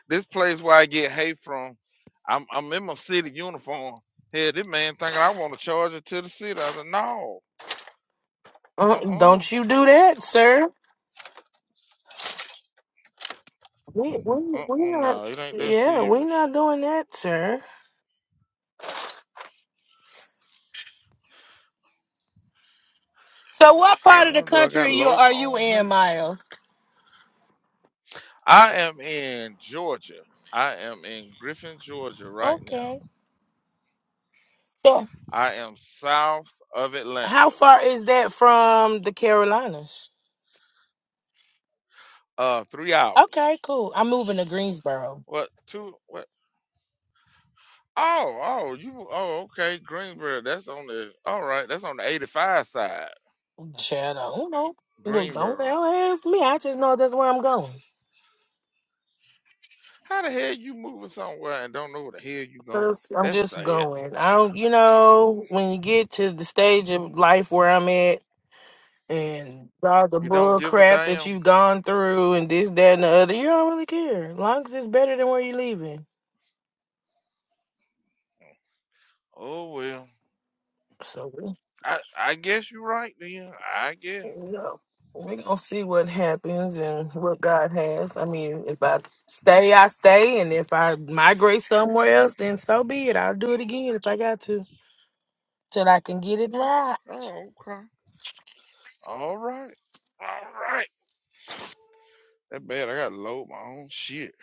[SPEAKER 1] This place where I get hate from, I'm I'm in my city uniform. Hell, this man thinking I want to charge it to the city. I said, no,
[SPEAKER 4] Uh,
[SPEAKER 1] uh-uh,
[SPEAKER 4] don't you do that, sir. We we we
[SPEAKER 1] uh-uh,
[SPEAKER 4] not.
[SPEAKER 1] no, it ain't that
[SPEAKER 4] Yeah, we
[SPEAKER 1] serious.
[SPEAKER 4] not doing that, sir. So, what
[SPEAKER 1] See, I
[SPEAKER 4] part of the
[SPEAKER 1] wonder, do I
[SPEAKER 4] country
[SPEAKER 1] got
[SPEAKER 4] are
[SPEAKER 1] to
[SPEAKER 4] you,
[SPEAKER 1] load my
[SPEAKER 4] are you
[SPEAKER 1] own
[SPEAKER 4] in,
[SPEAKER 1] place?
[SPEAKER 4] Miles?
[SPEAKER 1] I am in Georgia. I am in Griffin, Georgia right now.
[SPEAKER 4] Okay. So
[SPEAKER 1] I am south of
[SPEAKER 4] how
[SPEAKER 1] Atlanta.
[SPEAKER 4] far is that from the Carolinas?
[SPEAKER 1] Uh, three
[SPEAKER 4] Okay,
[SPEAKER 1] hours.
[SPEAKER 4] cool. I'm moving to Greensboro.
[SPEAKER 1] What, two, what? Oh, oh, you, oh, okay, Greensboro. That's on the, all right, that's on the 85 side,
[SPEAKER 4] Chad, I don't know. Look, Don't
[SPEAKER 1] Greensboro.
[SPEAKER 4] don't ask me. I just know that's where I'm going.
[SPEAKER 1] How the hell you moving somewhere and don't know where the hell you going?
[SPEAKER 4] 'Cause I'm
[SPEAKER 1] That's
[SPEAKER 4] just
[SPEAKER 1] sad.
[SPEAKER 4] going. I don't, you know, when you get to the stage of life where I'm at. and all the
[SPEAKER 1] You don't
[SPEAKER 4] bull
[SPEAKER 1] give a
[SPEAKER 4] crap that
[SPEAKER 1] damn.
[SPEAKER 4] you've gone through and this, that, and the other. You don't really care. long as it's better than where you're leaving.
[SPEAKER 1] Oh well.
[SPEAKER 4] So we
[SPEAKER 1] I I guess you're right then. I guess.
[SPEAKER 4] go. We're gonna see what happens and what God has. I mean, if I stay, I stay, and if I migrate somewhere else, then so be it. I'll do it again if I got to, till I can get it right.
[SPEAKER 1] Oh okay. All right. All right. That bad. I gotta load my own shit.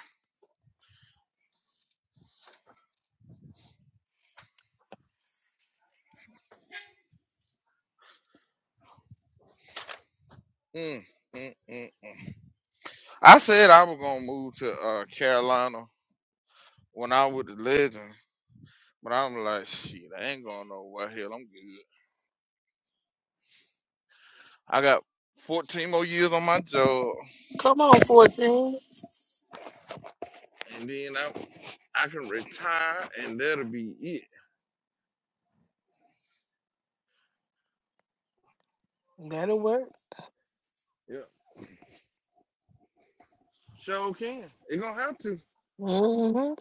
[SPEAKER 1] Mm, mm, mm, mm. I said I was gonna move to uh, Carolina when I was with the Legends, but I'm like, shit, I ain't going nowhere. Hell, I'm good. I got 14 more years on my job. and then I I can retire, and that'll be it.
[SPEAKER 4] That'll work.
[SPEAKER 1] Yeah, sure can. It gonna have to.
[SPEAKER 4] hmm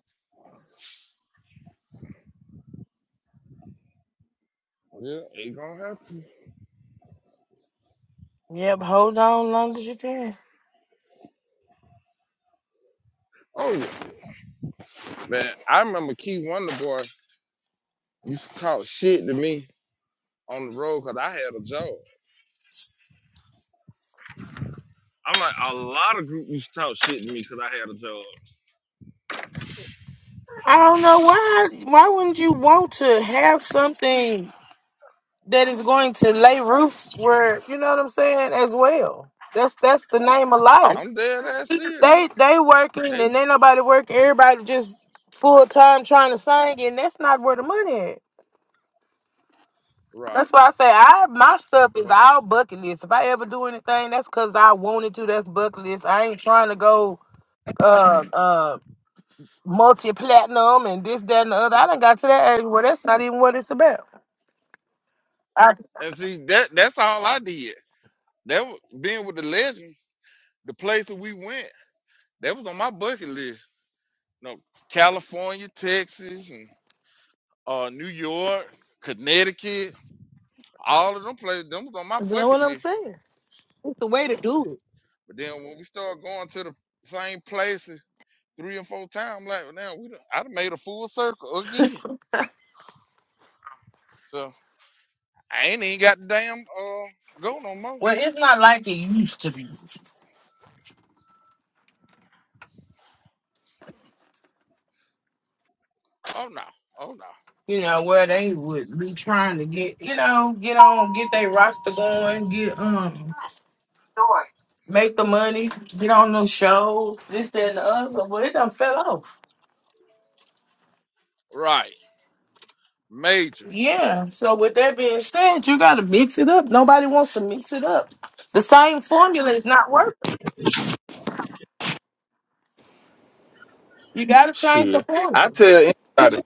[SPEAKER 1] Yeah, it gonna have to.
[SPEAKER 4] Yep, hold on long as you can.
[SPEAKER 1] Oh yeah, man. I remember Key Wonder Boy used to talk shit to me on the road because I had a job. I'm like a lot of group used to talk shit to me because I had a job. I'm,
[SPEAKER 4] You know what I'm saying? As well. That's that's the name of life.
[SPEAKER 1] I'm dead ass serious.
[SPEAKER 4] They they working
[SPEAKER 1] They, they
[SPEAKER 4] and ain't nobody working. Everybody just full time trying to sing, and that's not where the money at.
[SPEAKER 1] right,
[SPEAKER 4] That's why I say I my stuff is
[SPEAKER 1] but
[SPEAKER 4] all bucket list. If I ever do anything, that's cause I wanted to. That's bucket list. I ain't trying to go uh uh multi platinum and this that and the other. I done got to that age where that's not even what it's about.
[SPEAKER 1] and see that that's all I did. That was being with the legends, the places we went. That was on my bucket list No, California, Texas, and uh, New York, Connecticut, all of them places. Them was on my
[SPEAKER 4] You know
[SPEAKER 1] bucket
[SPEAKER 4] what I'm
[SPEAKER 1] list.
[SPEAKER 4] saying? It's the way- Well,
[SPEAKER 1] But then when we started going to the same places three and four times, I'm like well, now we done, I done made a full circle again. So I ain't even got the damn uh go no more.
[SPEAKER 4] it's not like it used to be.
[SPEAKER 1] Oh no, oh no.
[SPEAKER 4] You know where they would be trying to get you know get on get their roster going, get um make the money, get on those shows, this, that, and the other, but it done fell off.
[SPEAKER 1] Right, major.
[SPEAKER 4] Yeah. So with that being said, you gotta mix it up. Nobody wants to mix it up. The same formula is not working. You gotta change the
[SPEAKER 1] Shit, I
[SPEAKER 4] formula.
[SPEAKER 1] tell anybody,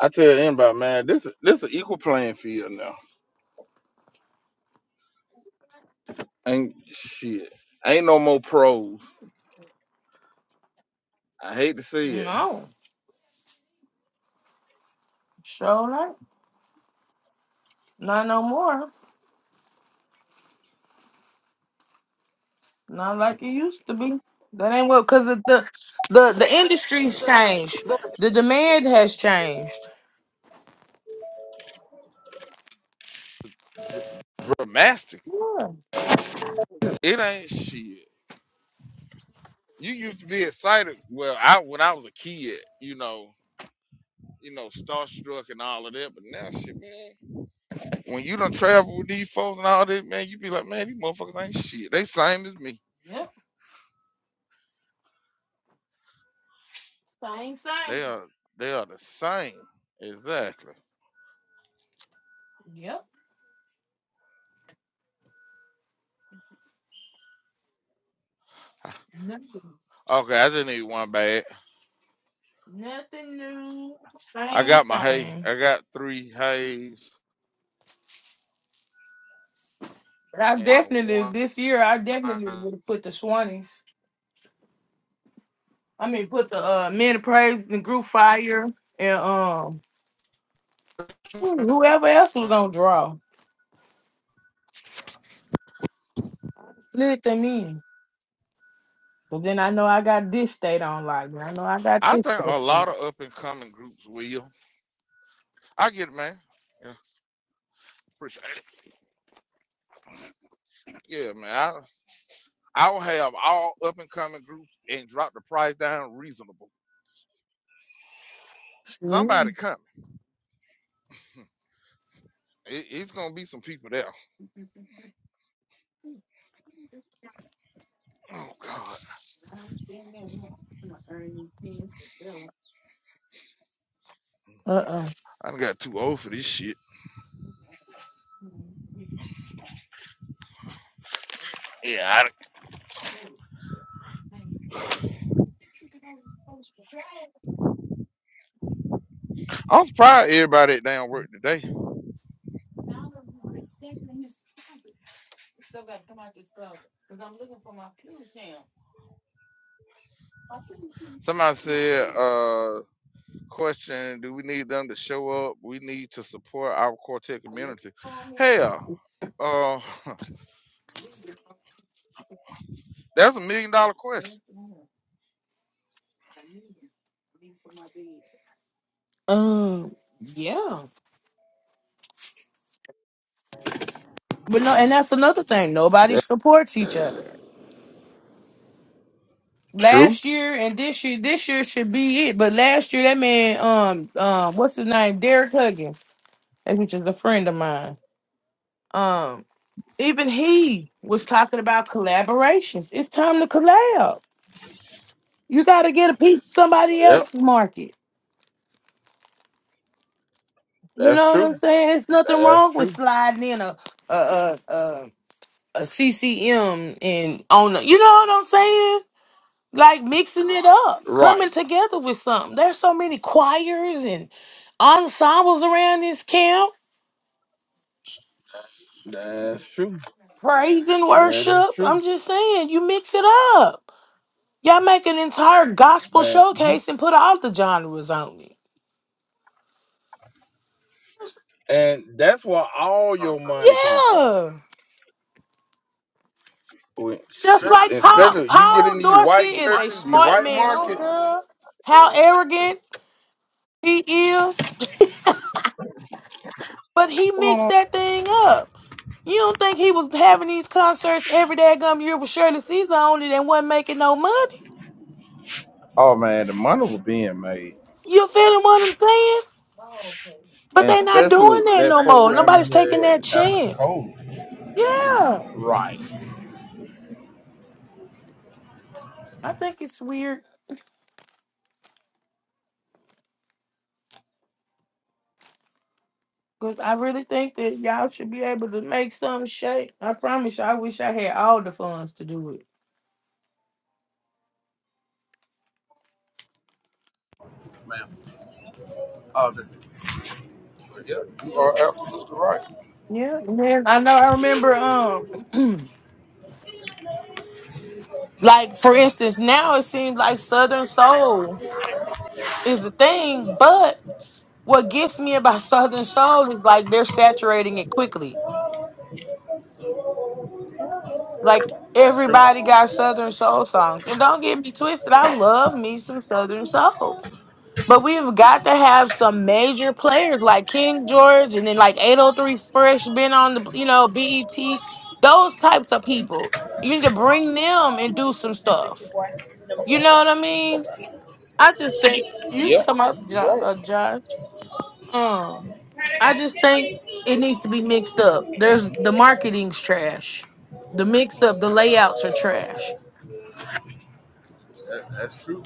[SPEAKER 1] I tell anybody, man, this is this is an equal playing field now. Ain't shit, ain't no more pros. I hate to say it.
[SPEAKER 4] No, sure not. Not no more. Be- The the the industry's changed. The demand has changed.
[SPEAKER 1] dramatic. It ain't shit. You used to be excited. Well, I when I was a kid, you know, you know, starstruck and all of that. But now, shit, man, when you done travel with these folks and all that, man, you be like, man, these motherfuckers ain't shit. They same as me.
[SPEAKER 4] Yep. Same thing.
[SPEAKER 1] They are, they are the same. Exactly.
[SPEAKER 4] Yep. Nothing,
[SPEAKER 1] Okay, I just need one bag.
[SPEAKER 4] nothing new.
[SPEAKER 1] I
[SPEAKER 4] Same
[SPEAKER 1] got my hay.
[SPEAKER 4] thing.
[SPEAKER 1] I got three hays
[SPEAKER 4] But I
[SPEAKER 1] and
[SPEAKER 4] definitely
[SPEAKER 1] one.
[SPEAKER 4] this year I definitely would have put the Swannies. I mean put the uh men of praise and group fire and um hmm, whoever else was gonna draw. But then I know I got this state on like
[SPEAKER 1] I think
[SPEAKER 4] uh
[SPEAKER 1] a lot of up and coming groups will. I get it, man. Yeah, appreciate it. Yeah, man. I, I'll have all up and coming groups and drop the price down reasonable. Somebody coming. It, it's gonna be some people there. Oh God,
[SPEAKER 4] oh.
[SPEAKER 1] I done got too old for this shit. Yeah, I, I'm surprised everybody at damn work today. Somebody said, uh, question: Do we need them to show up? We need to support our quartet community. Hell, uh, that's a million dollar question.
[SPEAKER 4] Um yeah. But no, and that's another thing. Nobody
[SPEAKER 1] That's
[SPEAKER 4] supports each other.
[SPEAKER 1] true.
[SPEAKER 4] Last year and this year, this year should be it. But last year, that man, um, um, what's his name, Derek Huggins, which is a friend of mine. Um, even he was talking about collaborations. It's time to collab. You got to get a piece of somebody
[SPEAKER 1] Yep,
[SPEAKER 4] else's market. You
[SPEAKER 1] that's
[SPEAKER 4] know what
[SPEAKER 1] true.
[SPEAKER 4] I'm saying? It's nothing
[SPEAKER 1] That's
[SPEAKER 4] wrong with
[SPEAKER 1] true.
[SPEAKER 4] sliding in a a a, a, CCM and on. The, you know what I'm saying? like mixing it up, coming
[SPEAKER 1] Right.
[SPEAKER 4] together with something. There's so many choirs and ensembles around this camp.
[SPEAKER 1] That's true. That is true. man. And that's where all your
[SPEAKER 4] Yeah,
[SPEAKER 1] money come from. When- shit, especially you get in these white churches, the white market.
[SPEAKER 4] but he mixed that thing up. You don't think he was having these concerts every daggum year with Shirley Caesar on it and wasn't making no money?
[SPEAKER 1] Oh man, the money was being made,
[SPEAKER 4] You feeling what I'm saying? But
[SPEAKER 1] and
[SPEAKER 4] they not
[SPEAKER 1] especially
[SPEAKER 4] doing that
[SPEAKER 1] that
[SPEAKER 4] no more.
[SPEAKER 1] program he
[SPEAKER 4] Nobody's taking that
[SPEAKER 1] had after
[SPEAKER 4] chance.
[SPEAKER 1] COVID.
[SPEAKER 4] Yeah,
[SPEAKER 1] Right,
[SPEAKER 4] I think it's weird because I really think that y'all should be able to make some shape. I promise you, I wish I had all the funds to do it. Yeah, man. I know. I remember. Um, like for instance, now it seems like Southern Soul is a thing, but what gets me about Southern Soul is like they're saturating it quickly. Like everybody got Southern Soul songs, and don't get me twisted. I love me some Southern Soul, but we've got to have some major like King George, Ada Ben, E.T. Those types of people. You need to bring them and do some stuff. You know what I mean? I just think you come up, Jo-
[SPEAKER 1] You're right.
[SPEAKER 4] uh, Josh. Um, I just think it needs to be mixed up. There's the marketing's trash. The mix up, the layouts are trash.
[SPEAKER 1] That, that's true.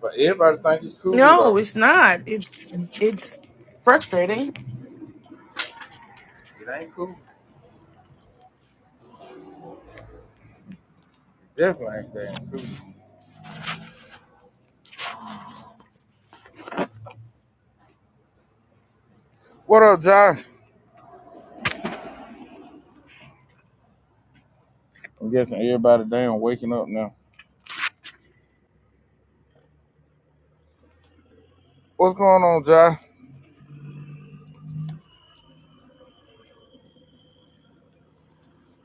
[SPEAKER 1] But everybody think it's cool
[SPEAKER 4] No,
[SPEAKER 1] though.
[SPEAKER 4] it's not. It's it's frustrating.
[SPEAKER 1] It ain't cool. Definitely ain't damn cool. What up, Josh? I'm guessing everybody damn waking up now. What's going on, Josh?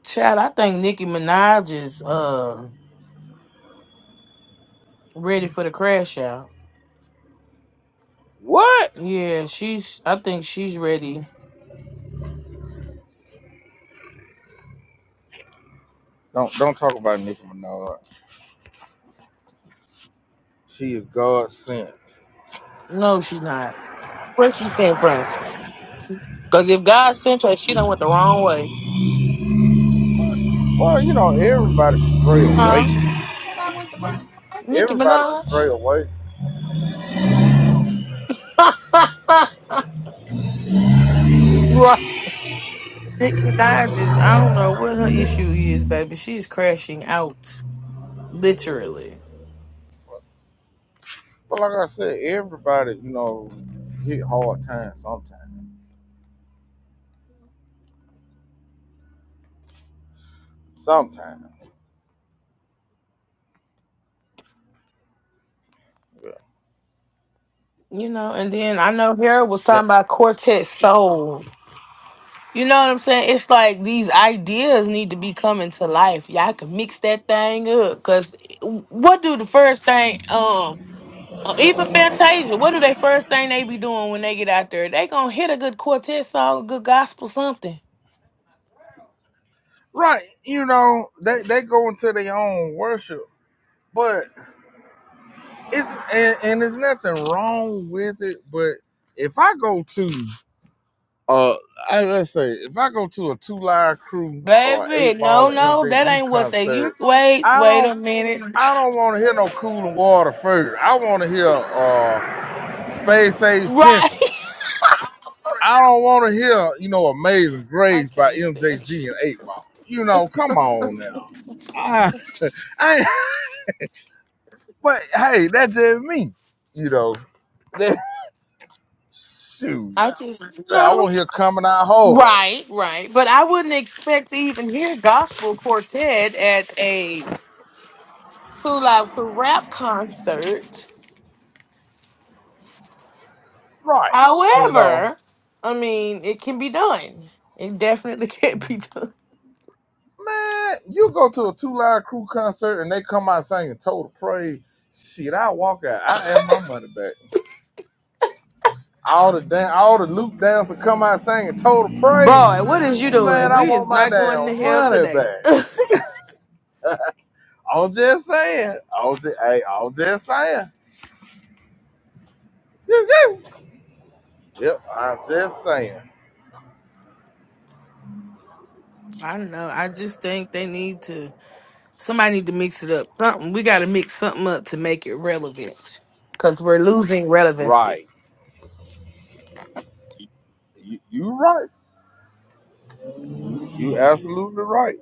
[SPEAKER 4] Chad, I think Nicki Minaj is uh ready for the crash out.
[SPEAKER 1] What?
[SPEAKER 4] Yeah, she's. I think she's ready.
[SPEAKER 1] Don't don't talk about Nicki Minaj. She is God sent.
[SPEAKER 4] No, she's not. Where she came from? Cause if God sent her, she done went the wrong way.
[SPEAKER 1] Well, you know, everybody should stray
[SPEAKER 4] Huh?
[SPEAKER 1] away.
[SPEAKER 4] Nicki
[SPEAKER 1] Everybody should stray
[SPEAKER 4] Minaj.
[SPEAKER 1] away.
[SPEAKER 4] Right. Well,
[SPEAKER 1] But like I said, everybody, you know, hit hard times sometimes. Sometimes. Yeah. Ja-
[SPEAKER 4] I all can mix that thing up. Cause what do the first thing, um, uh, even Fantasia, what do they first thing they be doing when they get out there? They gonna hit a good hit song, a good gospel, something.
[SPEAKER 1] Right. You know, they, they go into their own worship. But it's and, and there's nothing wrong with it. But if I go to uh I let's say if I go to a two live crew or eight
[SPEAKER 4] Baby, no,
[SPEAKER 1] ball or
[SPEAKER 4] no, that
[SPEAKER 1] MJG
[SPEAKER 4] ain't what they. You
[SPEAKER 1] concert,
[SPEAKER 4] wait,
[SPEAKER 1] I
[SPEAKER 4] wait
[SPEAKER 1] don't
[SPEAKER 4] a minute.
[SPEAKER 1] I don't want to hear no cooling water first. I want to hear uh, Space Age
[SPEAKER 4] Right.
[SPEAKER 1] Pimpin'. I don't want to hear, you know, Amazing
[SPEAKER 4] I
[SPEAKER 1] Grace by
[SPEAKER 4] can't stand
[SPEAKER 1] MJG and
[SPEAKER 4] you.
[SPEAKER 1] 8 Ball. You know, come on now. I, I, but hey, that's just me. You know, that, shoot.
[SPEAKER 4] I just
[SPEAKER 1] Man, I
[SPEAKER 4] no
[SPEAKER 1] want to hear Coming Out Hard. Right. You know, man, you go to a Two Live Crew concert and they come out singing Total Praise. Shit, I walk out. I have my money back. All the dan- all the Luke dancers come out singing total praise. Man, I want my damn money back. I'm just saying. I'm just, hey, I'm just saying. Yep, yep. Yep, I'm just saying.
[SPEAKER 4] relevant because we're losing relevancy.
[SPEAKER 1] Right. You, you right. You absolutely right.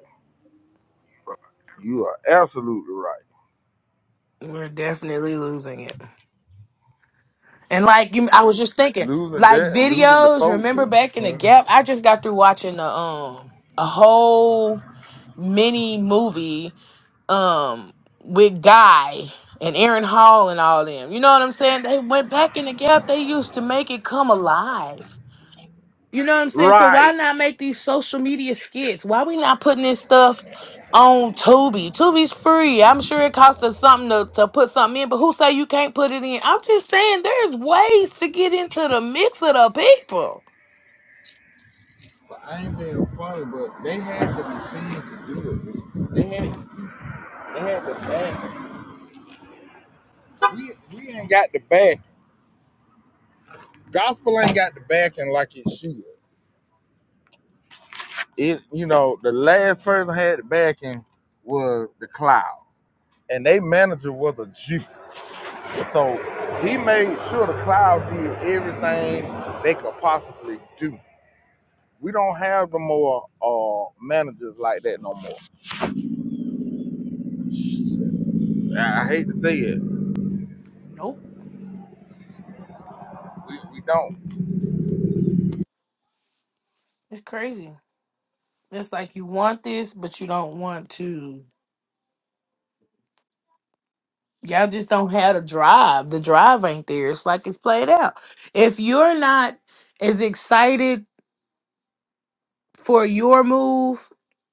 [SPEAKER 1] You are absolutely right.
[SPEAKER 4] We're definitely losing it. And like you, I was just thinking,
[SPEAKER 1] Losing
[SPEAKER 4] like
[SPEAKER 1] that, losing the
[SPEAKER 4] videos.
[SPEAKER 1] folk
[SPEAKER 4] Remember
[SPEAKER 1] too.
[SPEAKER 4] back in the
[SPEAKER 1] Uh,
[SPEAKER 4] gap, I just got through watching the um a whole mini movie um with Guy and Aaron Hall and all them. You know what I'm saying? They went back in the gap. They used to make it come alive. You know what I'm saying? So why
[SPEAKER 1] Right.
[SPEAKER 4] not make these social media skits? Why we not putting this stuff on Tubi? Tubi's free. I'm sure it costs us something to, to put something in, but who say you can't put it in? I'm just saying there's ways to get into the mix of the people.
[SPEAKER 1] But I ain't being funny, but they had the machines to do it. They had, they had the back. We, we ain't got the back. Gospel ain't got the backing like it should. It, you know, the last person had the backing was the Cloud, and their manager was a Jew. So he made sure the Cloud did everything they could possibly do. We don't have the more uh, managers like that no more. I I hate to say it,
[SPEAKER 4] Nope.
[SPEAKER 1] we, we don't.
[SPEAKER 4] It's crazy. It's like you want this, but you don't want to. Y'all just don't have the drive. The drive ain't there. It's like it's played out. If you're not as excited for your move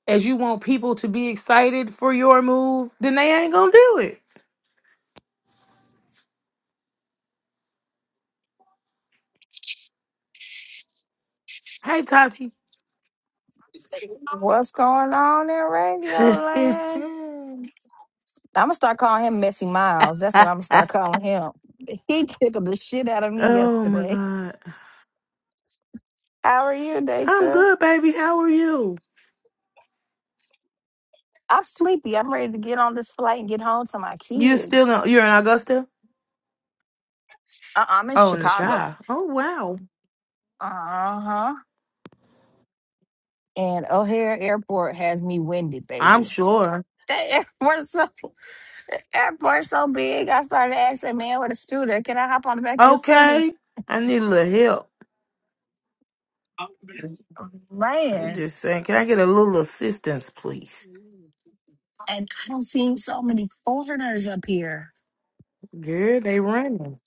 [SPEAKER 4] as you want people to be excited for your move, then they ain't gonna do it. Hey Tati.
[SPEAKER 5] What's going on in radio land? I'm gonna start calling him Messy Miles. That's what I'm gonna start calling him. He tickled the shit out of me
[SPEAKER 4] oh my
[SPEAKER 5] yesterday.
[SPEAKER 4] god.
[SPEAKER 5] How are you,
[SPEAKER 4] I'm
[SPEAKER 5] Datra?
[SPEAKER 4] good, baby. How are you?
[SPEAKER 5] I'm sleepy. I'm ready to get on this flight and get home to my
[SPEAKER 4] You still
[SPEAKER 5] kids.
[SPEAKER 4] in, you're in Augusta?
[SPEAKER 5] Uh, I'm in
[SPEAKER 4] Oh, in the
[SPEAKER 5] Chicago.
[SPEAKER 4] shy. Oh wow.
[SPEAKER 5] Uh huh. And O'Hare Airport has me winded,
[SPEAKER 4] I'm
[SPEAKER 5] baby.
[SPEAKER 4] sure.
[SPEAKER 5] That airport's so, airport's so big. I started asking man with a scooter, can I hop on the back of your scooter?
[SPEAKER 4] Okay. I need a little help.
[SPEAKER 5] Oh, yes.
[SPEAKER 4] I'm
[SPEAKER 5] Man.
[SPEAKER 4] just saying, can I get a little assistance, please?
[SPEAKER 5] And I don't see so many foreigners up here.
[SPEAKER 4] Girl, they running.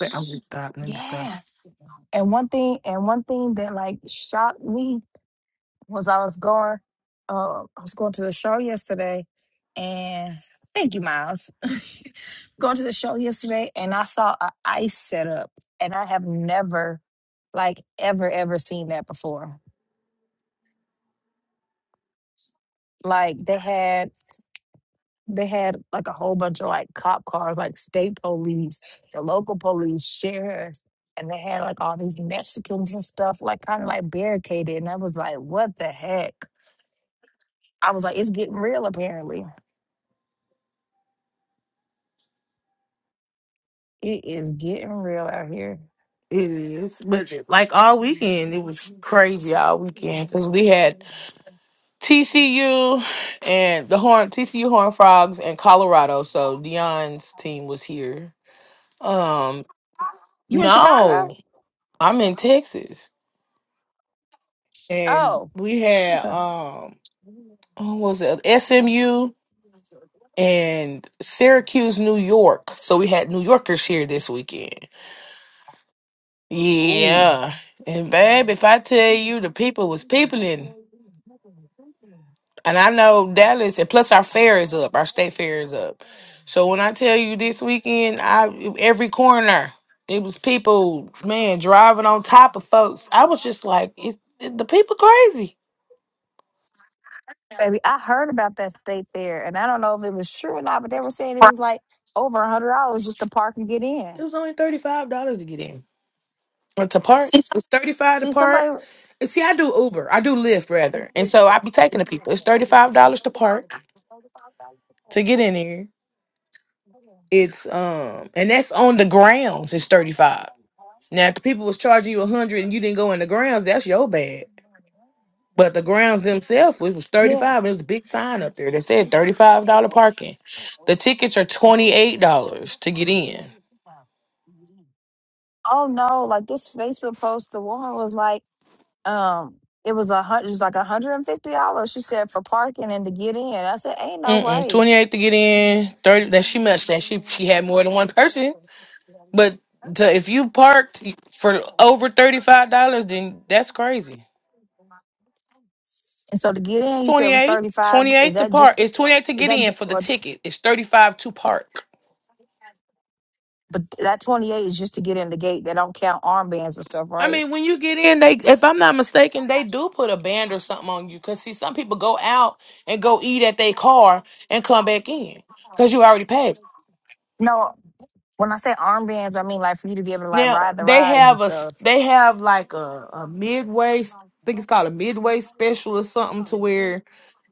[SPEAKER 4] Wait, I'm gonna stop. Let me stop.
[SPEAKER 5] Yeah. And one thing, and one thing that like shocked me was I was going, uh, I was going to the show yesterday, and thank you, Miles. going to the show yesterday, and I saw a ice setup, and I have never, like, ever, ever seen that before. Like they had they had like a whole bunch of like cop cars, like state police, the local police, sheriffs, and they had like all these Mexicans and stuff, like kind of like barricaded. And I was like, what the heck? I was like, it's getting real apparently. It is getting real out here.
[SPEAKER 4] It is, but like all
[SPEAKER 5] Yeah.
[SPEAKER 4] weekend, it was crazy all weekend because we had TCU and the Horn TCU Horn Frogs and Colorado. So Dion's team was here. Um,
[SPEAKER 5] You in Chicago?
[SPEAKER 4] no, I'm in Texas, and
[SPEAKER 5] Oh,
[SPEAKER 4] we had
[SPEAKER 5] okay.
[SPEAKER 4] um, what was it SMU and Syracuse, New York. So we had New Yorkers here this weekend.
[SPEAKER 5] Ooh.
[SPEAKER 4] Yeah, and babe, if I tell you the people was peopling. And I know Dallas, and plus our fair is up, our state fair is up. So when I tell you this weekend, I every corner it was people, man, driving on top of folks. I was just like, it's it- the people crazy.
[SPEAKER 5] Baby, I heard about that state fair, and I don't know if it was true or not, but they were saying it was like over a hundred dollars just to park and get in.
[SPEAKER 4] It was only thirty five dollars to get in or to park. It's thirty five to
[SPEAKER 5] See,
[SPEAKER 4] park.
[SPEAKER 5] somebody.
[SPEAKER 4] And see, I do Uber, I do Lyft rather, and so I be taking the people. It's thirty five dollars to park to get in here. It's um, and that's on the grounds. It's thirty five. Now, if the people was charging you a hundred and you didn't go in the grounds, that's your bad. But the grounds themselves, it was thirty
[SPEAKER 5] Yeah.
[SPEAKER 4] five, and there's a big sign up there that said thirty five dollar parking. The tickets are twenty eight dollars to get in.
[SPEAKER 5] Oh no, like this Facebook post, the woman was like, um, it was a hundred, it was like a hundred and fifty dollars. She said for parking and to get in. I said, ain't no
[SPEAKER 4] Mm-mm,
[SPEAKER 5] way.
[SPEAKER 4] twenty eight to get in. Thirty. That she must that she she had more than one person. But to, if you parked for over thirty five dollars, then that's crazy.
[SPEAKER 5] And so to get in, you said
[SPEAKER 4] Twenty
[SPEAKER 5] it was
[SPEAKER 4] eight.
[SPEAKER 5] thirty five. Is
[SPEAKER 4] 28 to
[SPEAKER 5] that
[SPEAKER 4] park.
[SPEAKER 5] just?
[SPEAKER 4] It's 28 to
[SPEAKER 5] Is
[SPEAKER 4] get
[SPEAKER 5] that?
[SPEAKER 4] in
[SPEAKER 5] ju-
[SPEAKER 4] for the
[SPEAKER 5] Or,
[SPEAKER 4] ticket. It's 35 to park.
[SPEAKER 5] but that twenty eight is just to get in the gate. They don't count armbands and stuff,
[SPEAKER 4] I
[SPEAKER 5] right?
[SPEAKER 4] mean, when you get in, they if I'm not mistaken, they do put a band or something on you. Cause see, some people go out and go eat at their car and come back in because you already paid.
[SPEAKER 5] No, when I say armbands, I mean like for you to be able to like
[SPEAKER 4] Now
[SPEAKER 5] ride the
[SPEAKER 4] they
[SPEAKER 5] rides and
[SPEAKER 4] have a s-
[SPEAKER 5] stuff.
[SPEAKER 4] they have like a, a midway. s- I think it's called a midway special or something to where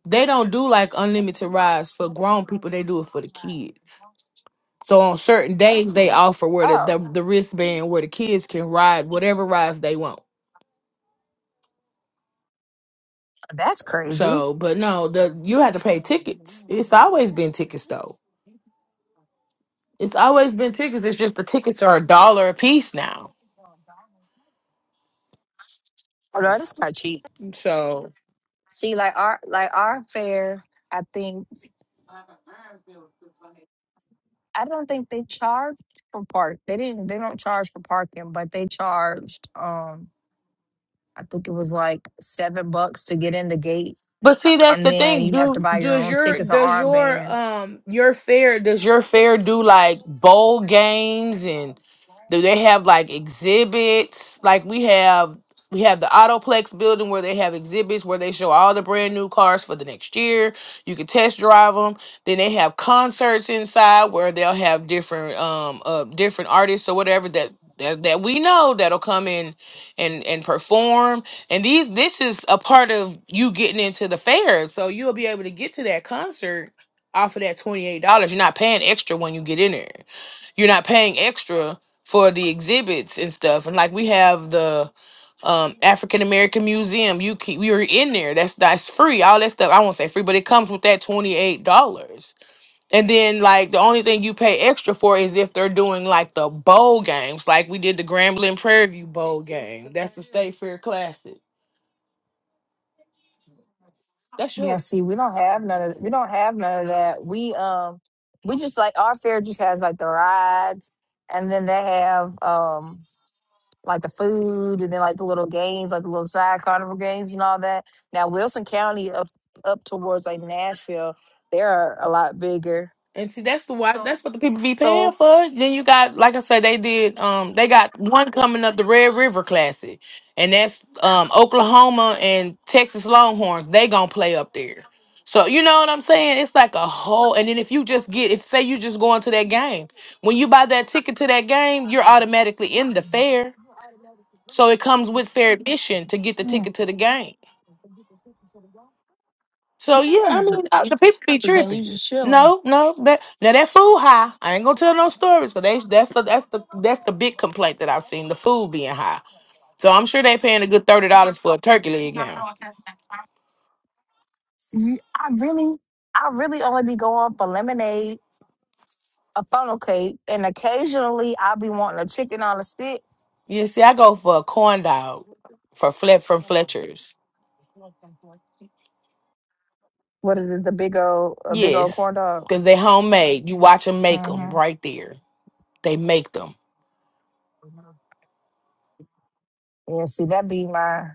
[SPEAKER 4] they don't do like unlimited rides for grown people. They do it for the kids. So on certain days they offer where the the,
[SPEAKER 5] Oh,
[SPEAKER 4] the wristband where the kids can ride whatever rides they want.
[SPEAKER 5] that's crazy.
[SPEAKER 4] So, but no, the you had to pay
[SPEAKER 5] Oh
[SPEAKER 4] tickets. It's always been tickets though. It's always been tickets. It's just the tickets are a dollar a piece now.
[SPEAKER 5] no, that's not cheap.
[SPEAKER 4] So,
[SPEAKER 5] See, like our like our fare, I think I don't think they charged for park. They didn't. They don't charge for parking, but they charged. Um, I think it was like seven bucks to get in the gate, and then you have to buy your
[SPEAKER 4] Does
[SPEAKER 5] own
[SPEAKER 4] your
[SPEAKER 5] tickets or
[SPEAKER 4] does your
[SPEAKER 5] armband.
[SPEAKER 4] um your fair does your fair do like bowl games and do they have like exhibits? Like we have we have the Autoplex building where they have exhibits where they show all the brand new cars for the next year. You can test drive them. Then they have concerts inside where they'll have different um uh different artists or whatever that that, that we know that'll come in and and perform and these this is a part of you getting into the fair. So you'll be able to get to that concert off of that $28. You're not paying extra when you get in there. You're not paying extra for the exhibits and stuff. We have a um African American Museum. You keep we are in there. That's that's free. All that stuff. I won't say free, but it comes with that $28. And then like the only thing you pay extra for is if they're doing like the bowl games, like we did the Grambling Prairie View bowl game. That's the State Fair Classic. That's
[SPEAKER 5] Yeah,
[SPEAKER 4] yours.
[SPEAKER 5] see, we don't have none of we don't have none of that. We um we just like our fair just has like the rides and then they have um like the food and then like the little games, like the little side carnival games and all that. Now Wilson County up up towards like Nashville, they're a lot bigger.
[SPEAKER 4] And see, that's the why. That's what the people be paying
[SPEAKER 5] So
[SPEAKER 4] for. Then you got, like I said, they did. Um, they got one coming up, the Red River Classic, and that's um Oklahoma and Texas Longhorns. They gonna play up there. So you know what I'm saying? It's like a whole. And then if you just get, if say you
[SPEAKER 5] Mm.
[SPEAKER 4] just going to that game, when you buy that ticket to that game, you're automatically in the fair. So it comes with fair admission to get the ticket to the game. So yeah, I
[SPEAKER 5] Mm.
[SPEAKER 4] mean uh, the people be
[SPEAKER 5] So then
[SPEAKER 4] tripping.
[SPEAKER 5] you just chilling.
[SPEAKER 4] No, no, that now that food high. I ain't gonna tell no stories because they that's the that's the that's the big complaint that I've seen the food being high. So I'm sure they paying a good thirty dollars for a turkey leg now.
[SPEAKER 5] See, I really, I really only be going for lemonade, a funnel cake, and occasionally I be wanting a chicken on a stick.
[SPEAKER 4] Yeah, see, I go for a corn dog for Flet from Fletcher's.
[SPEAKER 5] What is it? The big old a big old
[SPEAKER 4] Yes,
[SPEAKER 5] corn dog.
[SPEAKER 4] because they homemade. You watch them make
[SPEAKER 5] hmm
[SPEAKER 4] them right there. They make them.
[SPEAKER 5] Yeah, see that be my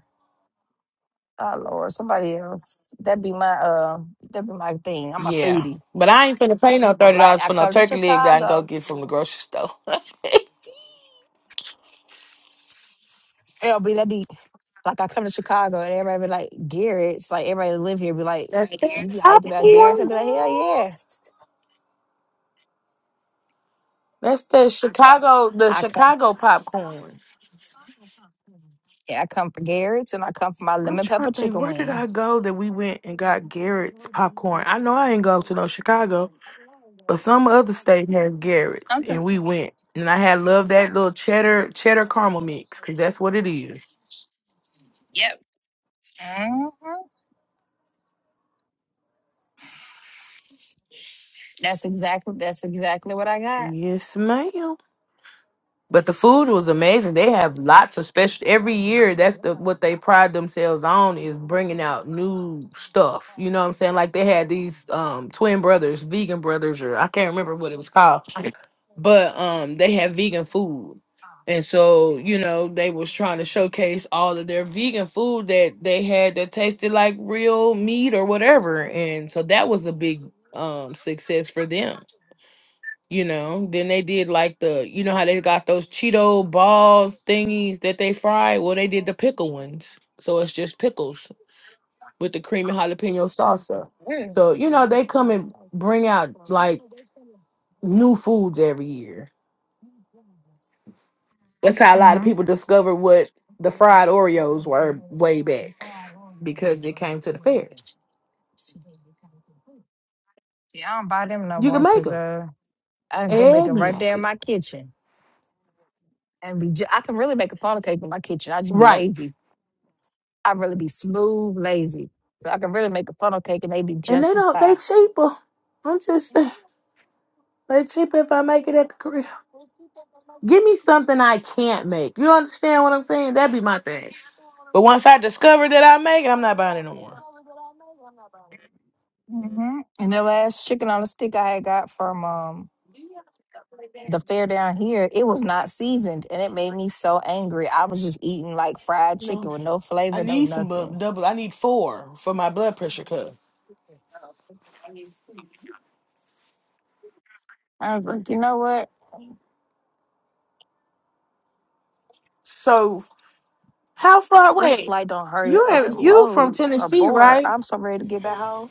[SPEAKER 5] oh Lord, somebody else. That be my uh that be my thing. I'm a
[SPEAKER 4] Yeah,
[SPEAKER 5] foodie.
[SPEAKER 4] but I ain't finna pay no thirty
[SPEAKER 5] Like
[SPEAKER 4] dollars
[SPEAKER 5] I
[SPEAKER 4] for no
[SPEAKER 5] come to
[SPEAKER 4] turkey leg that I can go
[SPEAKER 5] Chicago.
[SPEAKER 4] get from the grocery store. that's
[SPEAKER 5] It'll be that be like I come to Chicago and everybody be like Garrett's like everybody that live here be like,
[SPEAKER 4] the
[SPEAKER 5] You be hyped about Garrett's? i be like,
[SPEAKER 4] obvious.
[SPEAKER 5] Hell yes.
[SPEAKER 4] That's the Chicago, the
[SPEAKER 5] I come
[SPEAKER 4] Chicago popcorn.
[SPEAKER 5] yeah, I come for Garrett's and I come for my
[SPEAKER 4] I'm
[SPEAKER 5] lemon
[SPEAKER 4] trying
[SPEAKER 5] pepper
[SPEAKER 4] to think,
[SPEAKER 5] chicken
[SPEAKER 4] where did I
[SPEAKER 5] wings.
[SPEAKER 4] go that we went and got Garrett's popcorn? I know I ain't go to no Chicago, but some other state has Garrett's, and
[SPEAKER 5] Sometimes
[SPEAKER 4] we went. And I had loved that little cheddar cheddar caramel mix because that's what it is.
[SPEAKER 5] yep. Mhm. That's exactly that's exactly what I got.
[SPEAKER 4] Yes, ma'am. But the
[SPEAKER 5] Mm-hmm. Yeah,
[SPEAKER 4] food was amazing. They have lots of special every year. That's the what they pride themselves on is bringing out new stuff. You know what I'm saying? Like they had these um twin brothers, vegan brothers, or I can't remember what it was called but um they have vegan food and so you know they was trying to showcase all of their vegan food that they had that tasted like real meat or whatever and so that was a big um success for them you know then they did like the you know how they got those cheeto balls thingies that they fry well they did the pickle ones so it's just pickles with the cream and jalapeno salsa so you know they come and bring out like new foods every year That's how a lot of people discovered what the fried Oreos were way back because they came to the fairs.
[SPEAKER 5] I don't buy them no
[SPEAKER 4] You
[SPEAKER 5] more
[SPEAKER 4] can make
[SPEAKER 5] because
[SPEAKER 4] them
[SPEAKER 5] uh, I can go make them right there in
[SPEAKER 4] exactly
[SPEAKER 5] my kitchen, and be. Ju- I can really make a pound cake in my kitchen. I just be
[SPEAKER 4] right,
[SPEAKER 5] lazy. i really be smooth, lazy. I can really make a funnel cake and they be
[SPEAKER 4] and they
[SPEAKER 5] just as
[SPEAKER 4] don't. They
[SPEAKER 5] fine.
[SPEAKER 4] cheaper. I'm just they cheaper if I make it at the crib. Give me something I can't make. You understand what I'm saying? That'd be my thing. But once I discover that I make it, I'm not buying it no more.
[SPEAKER 5] hmm And the last chicken on a stick I had got from um the fair down here, it was not seasoned, and it made me so angry. I was just eating like fried chicken with no
[SPEAKER 4] I
[SPEAKER 5] flavor, no
[SPEAKER 4] need some bu-
[SPEAKER 5] nothing.
[SPEAKER 4] double. I need four blood pressure cup.
[SPEAKER 5] I was like, you know what?
[SPEAKER 4] So how far?
[SPEAKER 5] This
[SPEAKER 4] away?
[SPEAKER 5] flight don't hurry up
[SPEAKER 4] you
[SPEAKER 5] and
[SPEAKER 4] you from
[SPEAKER 5] load or
[SPEAKER 4] Tennessee,
[SPEAKER 5] board.
[SPEAKER 4] right?
[SPEAKER 5] I'm so ready to get back home.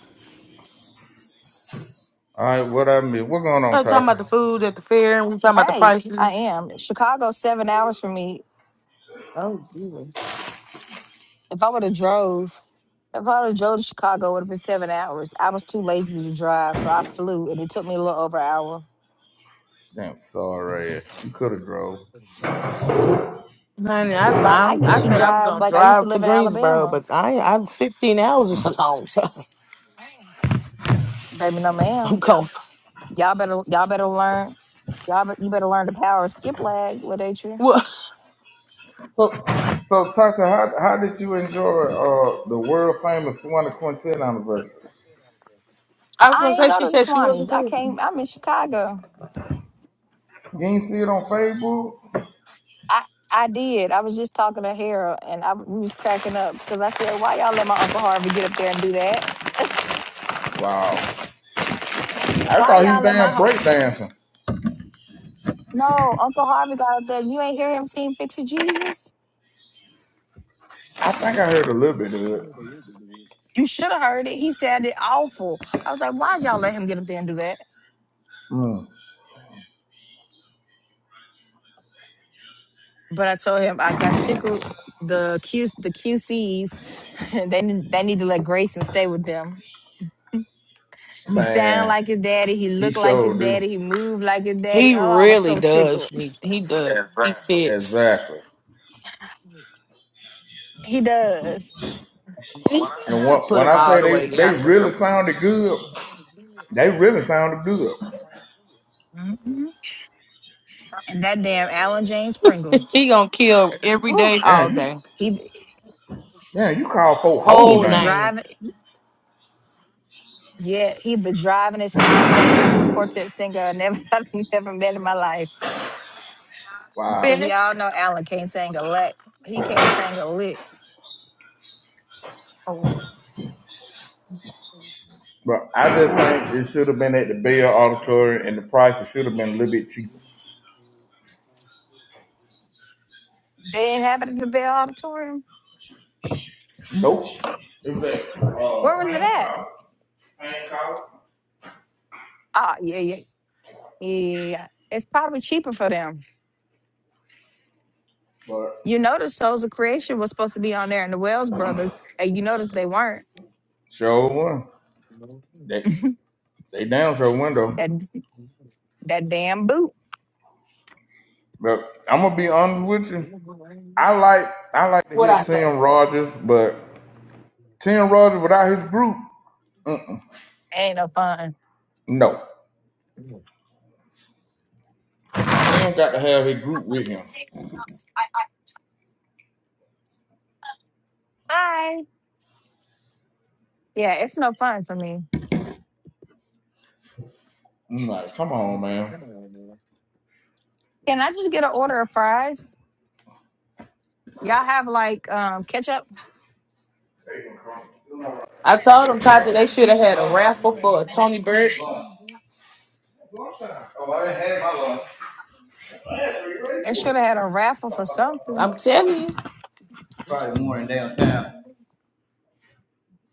[SPEAKER 1] All right, what I mean, what's going on,
[SPEAKER 4] I'm talking
[SPEAKER 1] Tati?
[SPEAKER 4] about the food at the fair. and We talking about the
[SPEAKER 5] Hey, I
[SPEAKER 4] prices.
[SPEAKER 5] am. Chicago seven hours from me.
[SPEAKER 4] Oh, Jesus.
[SPEAKER 5] If I would have drove, if I would have drove to Chicago, it would have been seven hours. I was too lazy to drive, so I flew, and it took me a little over an hour.
[SPEAKER 1] Damn, sorry, you could have drove.
[SPEAKER 4] Honey, I
[SPEAKER 5] Like I
[SPEAKER 4] I'm, I
[SPEAKER 5] used to
[SPEAKER 4] said I was
[SPEAKER 5] drive,
[SPEAKER 4] gonna
[SPEAKER 5] like I used to
[SPEAKER 4] drive to
[SPEAKER 5] live in
[SPEAKER 4] Greensboro,
[SPEAKER 5] Alabama.
[SPEAKER 4] but I I'm 16 hours is a long time.
[SPEAKER 5] Baby, no,
[SPEAKER 4] I'm
[SPEAKER 5] ma'am.
[SPEAKER 4] going.
[SPEAKER 5] Y'all better, y'all better learn. Y'all, be, you better learn the power of skip lag with Atria.
[SPEAKER 4] Well,
[SPEAKER 1] So, so Tata, how, how did you
[SPEAKER 5] I
[SPEAKER 1] enjoy uh, the world famous Juana Quintet anniversary?
[SPEAKER 4] I was gonna
[SPEAKER 5] ain't
[SPEAKER 4] say
[SPEAKER 5] go
[SPEAKER 4] she
[SPEAKER 5] to the
[SPEAKER 4] said she
[SPEAKER 5] Swannies.
[SPEAKER 4] wasn't
[SPEAKER 5] I
[SPEAKER 4] there.
[SPEAKER 5] came. I'm in Chicago.
[SPEAKER 1] You ain't see it on Facebook?
[SPEAKER 5] I I did. I was just talking to Harold, and I we was cracking up because I said, "Why y'all let my Uncle Harvey get up there and do that?
[SPEAKER 1] Wow. I
[SPEAKER 5] Why
[SPEAKER 1] thought he was
[SPEAKER 5] y'all let
[SPEAKER 1] damn
[SPEAKER 5] my hu-
[SPEAKER 1] breakdancing.
[SPEAKER 5] No, Uncle Harvey got up there. You ain't hear him sing Fix It Jesus?
[SPEAKER 1] I think I heard a little bit of it.
[SPEAKER 5] You should have heard it. He sounded awful. I was like, why'd y'all let him get up there and do that?
[SPEAKER 1] Mm.
[SPEAKER 5] But I told him I got tickled the Q the QCs. they need- they need to let Grayson stay with them. He sound
[SPEAKER 1] Man,
[SPEAKER 5] like his daddy. He
[SPEAKER 1] he
[SPEAKER 5] looked like his
[SPEAKER 1] sure do.
[SPEAKER 5] daddy. He moved like his daddy. Oh, I was so tickled.
[SPEAKER 4] He he does. He fits.
[SPEAKER 1] Exactly.
[SPEAKER 5] He does.
[SPEAKER 4] He still
[SPEAKER 1] And
[SPEAKER 4] gotta
[SPEAKER 1] when,
[SPEAKER 4] put
[SPEAKER 1] when
[SPEAKER 4] him
[SPEAKER 1] I
[SPEAKER 4] all
[SPEAKER 1] say
[SPEAKER 4] the
[SPEAKER 1] they,
[SPEAKER 4] way
[SPEAKER 1] they
[SPEAKER 4] out
[SPEAKER 1] really
[SPEAKER 4] there.
[SPEAKER 1] sounded good, they really sounded good.
[SPEAKER 5] Mhm. And that damn Alan James Pringle.
[SPEAKER 4] He gonna kill.
[SPEAKER 1] Damn, you,
[SPEAKER 5] He
[SPEAKER 1] damn, you call folk whole
[SPEAKER 5] he the
[SPEAKER 1] name.
[SPEAKER 5] driving. Yeah, he been driving this non-singing this quartet singer I never I've never met in my life. But
[SPEAKER 1] Wow.
[SPEAKER 5] we
[SPEAKER 4] Finish.
[SPEAKER 5] all know Alan can't sing a lick. He can't sing a lick.
[SPEAKER 1] But I just think it should have been at the Bell Auditorium and the price should have been a little bit cheaper.
[SPEAKER 5] They ain't happening at the Bell Auditorium.
[SPEAKER 1] Nope. Who's that?
[SPEAKER 5] Where
[SPEAKER 1] Uh,
[SPEAKER 5] was it at?
[SPEAKER 1] Hancock. Hancock.
[SPEAKER 5] Oh, yeah, yeah, yeah. It's probably cheaper for them.
[SPEAKER 1] But
[SPEAKER 5] You notice Souls of Creation was supposed to be on there, and the Wells Brothers, and you notice they weren't.
[SPEAKER 1] show one. They they down show window.
[SPEAKER 5] That that damn boot
[SPEAKER 1] But I'm gonna be honest with you. I like I like to hear Tim Rogers, but Tim Rogers without his group,
[SPEAKER 5] ain't no fun.
[SPEAKER 1] no. Tim got to have his group with him.
[SPEAKER 5] Bye. Yeah, it's no fun for me.
[SPEAKER 1] I'm like, come on, man.
[SPEAKER 5] Can I just get an order of fries? Y'all have like um ketchup?
[SPEAKER 4] I told him Tati they should have had a
[SPEAKER 1] Huh?
[SPEAKER 4] raffle for a Tony Bird.
[SPEAKER 1] Lunch. Oh, I already had my lunch.
[SPEAKER 5] It should have had a raffle for something.
[SPEAKER 4] I'm telling you.
[SPEAKER 1] Friday morning downtown.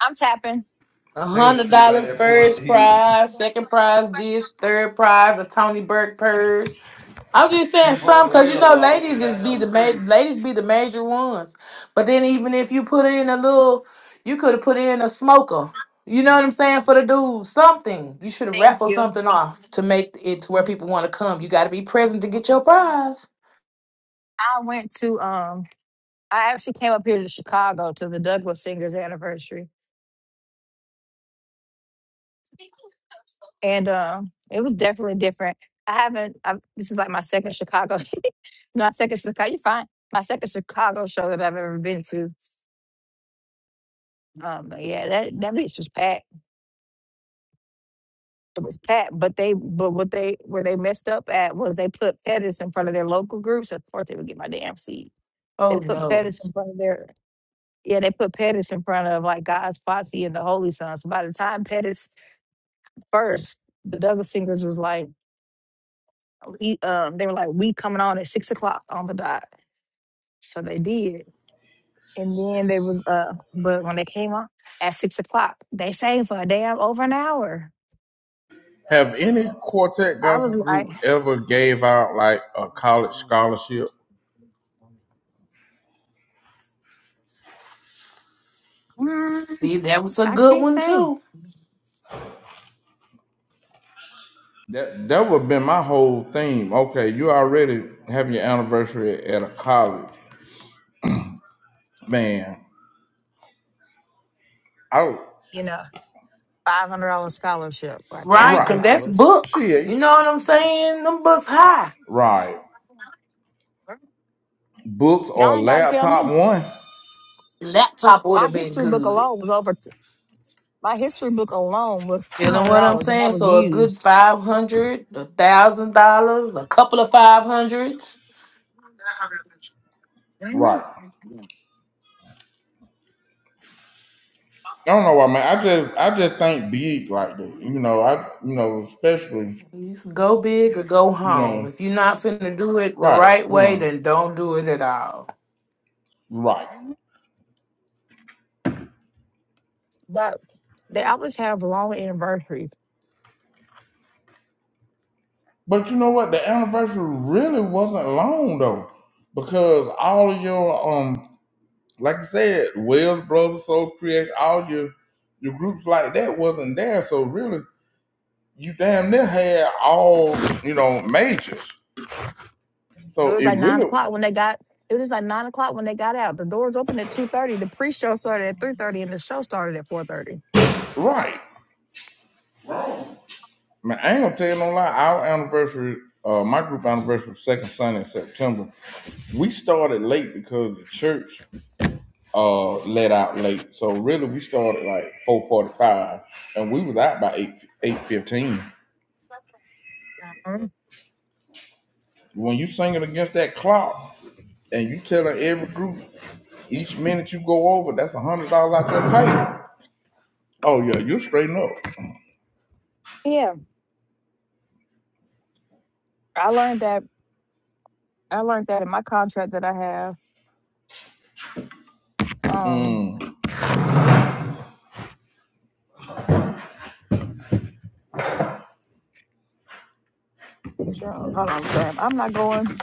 [SPEAKER 5] I'm tapping.
[SPEAKER 4] A
[SPEAKER 1] Taylor
[SPEAKER 4] hundred
[SPEAKER 1] Street right
[SPEAKER 4] dollars
[SPEAKER 1] there pulling up the
[SPEAKER 4] first
[SPEAKER 1] hill.
[SPEAKER 4] prize, second prize this, third prize a Tony Burke purse. I'm just saying
[SPEAKER 1] People
[SPEAKER 4] some
[SPEAKER 1] over the
[SPEAKER 4] because
[SPEAKER 1] way
[SPEAKER 4] you
[SPEAKER 1] low
[SPEAKER 4] know
[SPEAKER 1] wall, nigga,
[SPEAKER 4] ladies
[SPEAKER 1] got
[SPEAKER 4] is be
[SPEAKER 1] something
[SPEAKER 4] the
[SPEAKER 1] free.
[SPEAKER 4] ma- ladies be the major ones. But then even if you put in a little, you could have put in a smoker. You know what I'm saying for the dude, something you should have
[SPEAKER 5] Thank
[SPEAKER 4] raffled
[SPEAKER 5] you.
[SPEAKER 4] something off to make it to where people want to come. You got to be present to get your prize.
[SPEAKER 5] I went to um I actually came up here to Chicago to the Douglas Singers anniversary. and um, it was definitely different. I haven't. i this is like my second Chicago, my second Chicago. You fine? My second Chicago show that I've ever been to. Um, but yeah, that that bitch was packed. It was packed, but they but what they where they messed up at was they put Pettis in front of their local groups. Of course, they would get my damn seat. They
[SPEAKER 4] Oh
[SPEAKER 5] put
[SPEAKER 4] no!
[SPEAKER 5] Pettis in front of their yeah. They put Pettis in front of like God's Posse and the Holy Sons. So by the time Pettis first, the Douglas singers was like. we, um, they were like, we coming on at six o'clock on the dot. So they did. And then they was, uh, but when they came on at six o'clock, they sang for a damn over an hour.
[SPEAKER 1] Have any quartet
[SPEAKER 5] I was
[SPEAKER 1] gospel
[SPEAKER 5] like,
[SPEAKER 1] group ever gave out like a college scholarship?
[SPEAKER 5] mm,
[SPEAKER 4] See, that was a
[SPEAKER 5] I
[SPEAKER 4] good
[SPEAKER 5] can't
[SPEAKER 4] one
[SPEAKER 5] sing.
[SPEAKER 4] too,
[SPEAKER 1] That that would have been my whole theme. Okay, you already have your anniversary at a college, man. Oh,
[SPEAKER 5] You know, $500 scholarship or a
[SPEAKER 4] right?
[SPEAKER 1] right.
[SPEAKER 4] Because that's
[SPEAKER 5] $1,000.
[SPEAKER 4] books. You
[SPEAKER 1] Shit,
[SPEAKER 4] know what I'm saying? Them books high.
[SPEAKER 1] right. Books or a
[SPEAKER 5] Y'all ain't got to tell
[SPEAKER 1] laptop
[SPEAKER 5] me.
[SPEAKER 1] one,
[SPEAKER 4] Laptop would
[SPEAKER 5] My
[SPEAKER 4] have been
[SPEAKER 5] history book
[SPEAKER 4] good.
[SPEAKER 5] alone was over, t- my history book alone was
[SPEAKER 4] Feeling what I'm
[SPEAKER 5] $200 and that
[SPEAKER 4] saying?
[SPEAKER 5] was
[SPEAKER 4] So a good
[SPEAKER 5] used.
[SPEAKER 4] five hundred, a thousand dollars, a couple of five hundreds.
[SPEAKER 1] right.
[SPEAKER 5] Mm-hmm.
[SPEAKER 1] I don't know why, man. I just I just think big like that. You know, I you know especially
[SPEAKER 4] You s- go big or go
[SPEAKER 1] you
[SPEAKER 4] home.
[SPEAKER 1] know
[SPEAKER 4] If you're not finna do it the
[SPEAKER 1] right.
[SPEAKER 4] right
[SPEAKER 1] You
[SPEAKER 4] way,
[SPEAKER 1] know
[SPEAKER 4] then don't do it at all.
[SPEAKER 1] right.
[SPEAKER 5] But they always have long anniversaries.
[SPEAKER 1] But you know what? The anniversary really wasn't long though, because all of your um, like I said, Wells Brothers, Souls Creation, all your your groups like that wasn't there. So really, you damn near had all you know majors.
[SPEAKER 5] It
[SPEAKER 1] So
[SPEAKER 5] was
[SPEAKER 1] it
[SPEAKER 5] like nine
[SPEAKER 1] really
[SPEAKER 5] o'clock when they got. It was like nine o'clock when they got out. The doors opened at two thirty. The pre-show started at three thirty, and the show started at four thirty.
[SPEAKER 1] right. Man, I ain't gonna tell you no lie. Our anniversary, uh, my group anniversary, was second Sunday in September. We started late because the church. uh let out late. So really we started like four forty five and we was out by eight eight fifteen. When you singing against that clock and you telling every group each minute you go over, that's a hundred dollars out your pay. Oh yeah, you're straighten up.
[SPEAKER 5] Yeah, I learned that. I learned that in my contract that I have. Um, sure, hold on, time. I'm not going.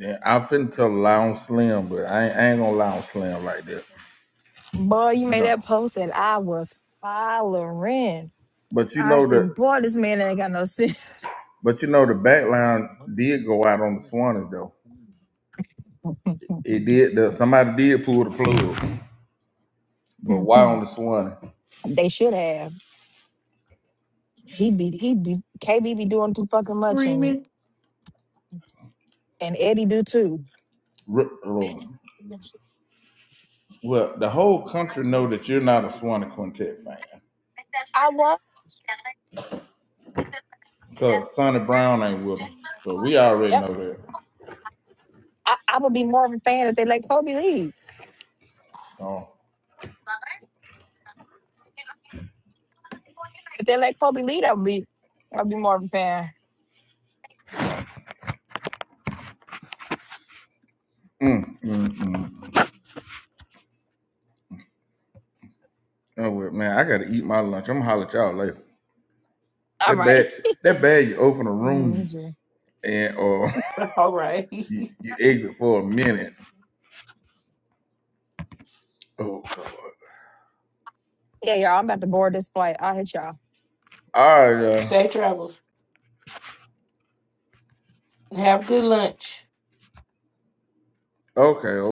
[SPEAKER 1] Yeah, I finna tell a Slim, but I ain't, I ain't gonna lie on Slim like that.
[SPEAKER 5] Boy, you made
[SPEAKER 1] No.
[SPEAKER 5] that post, and I was hollering.
[SPEAKER 1] But you
[SPEAKER 5] I
[SPEAKER 1] know the
[SPEAKER 5] said, "Boy, this man ain't got no sense."
[SPEAKER 1] but you know the back line did go out on the Swanee though. It did the somebody did pull the plug. But why on
[SPEAKER 5] Mhm.
[SPEAKER 1] the Swanee?
[SPEAKER 5] They should have. He be he be KB be doing too fucking much and
[SPEAKER 4] Screaming.
[SPEAKER 5] and Eddie do too.
[SPEAKER 1] Well, the whole country know that you're not a Swanee Quintet fan
[SPEAKER 5] I want.
[SPEAKER 1] because Sonny Brown ain't with them. So we already
[SPEAKER 5] Yep.
[SPEAKER 1] know that.
[SPEAKER 5] I, I would be more of a fan if they let Kobe lead.
[SPEAKER 1] Oh,
[SPEAKER 5] If they let Kobe lead, I would be I'd be more of a fan.
[SPEAKER 1] mm, mm, mm. Oh, well, man, I gotta eat my lunch. I'm gonna holler at y'all later.
[SPEAKER 5] All
[SPEAKER 1] That
[SPEAKER 5] right.
[SPEAKER 1] bad, that bad. You open a room
[SPEAKER 5] Mm,
[SPEAKER 1] and or
[SPEAKER 4] All right.
[SPEAKER 1] you, you exit for a minute. Oh God.
[SPEAKER 5] Yeah, y'all. I'm about to board this flight. I'll hit y'all.
[SPEAKER 1] All right. Uh,
[SPEAKER 4] Safe travels. Have good lunch.
[SPEAKER 1] okay.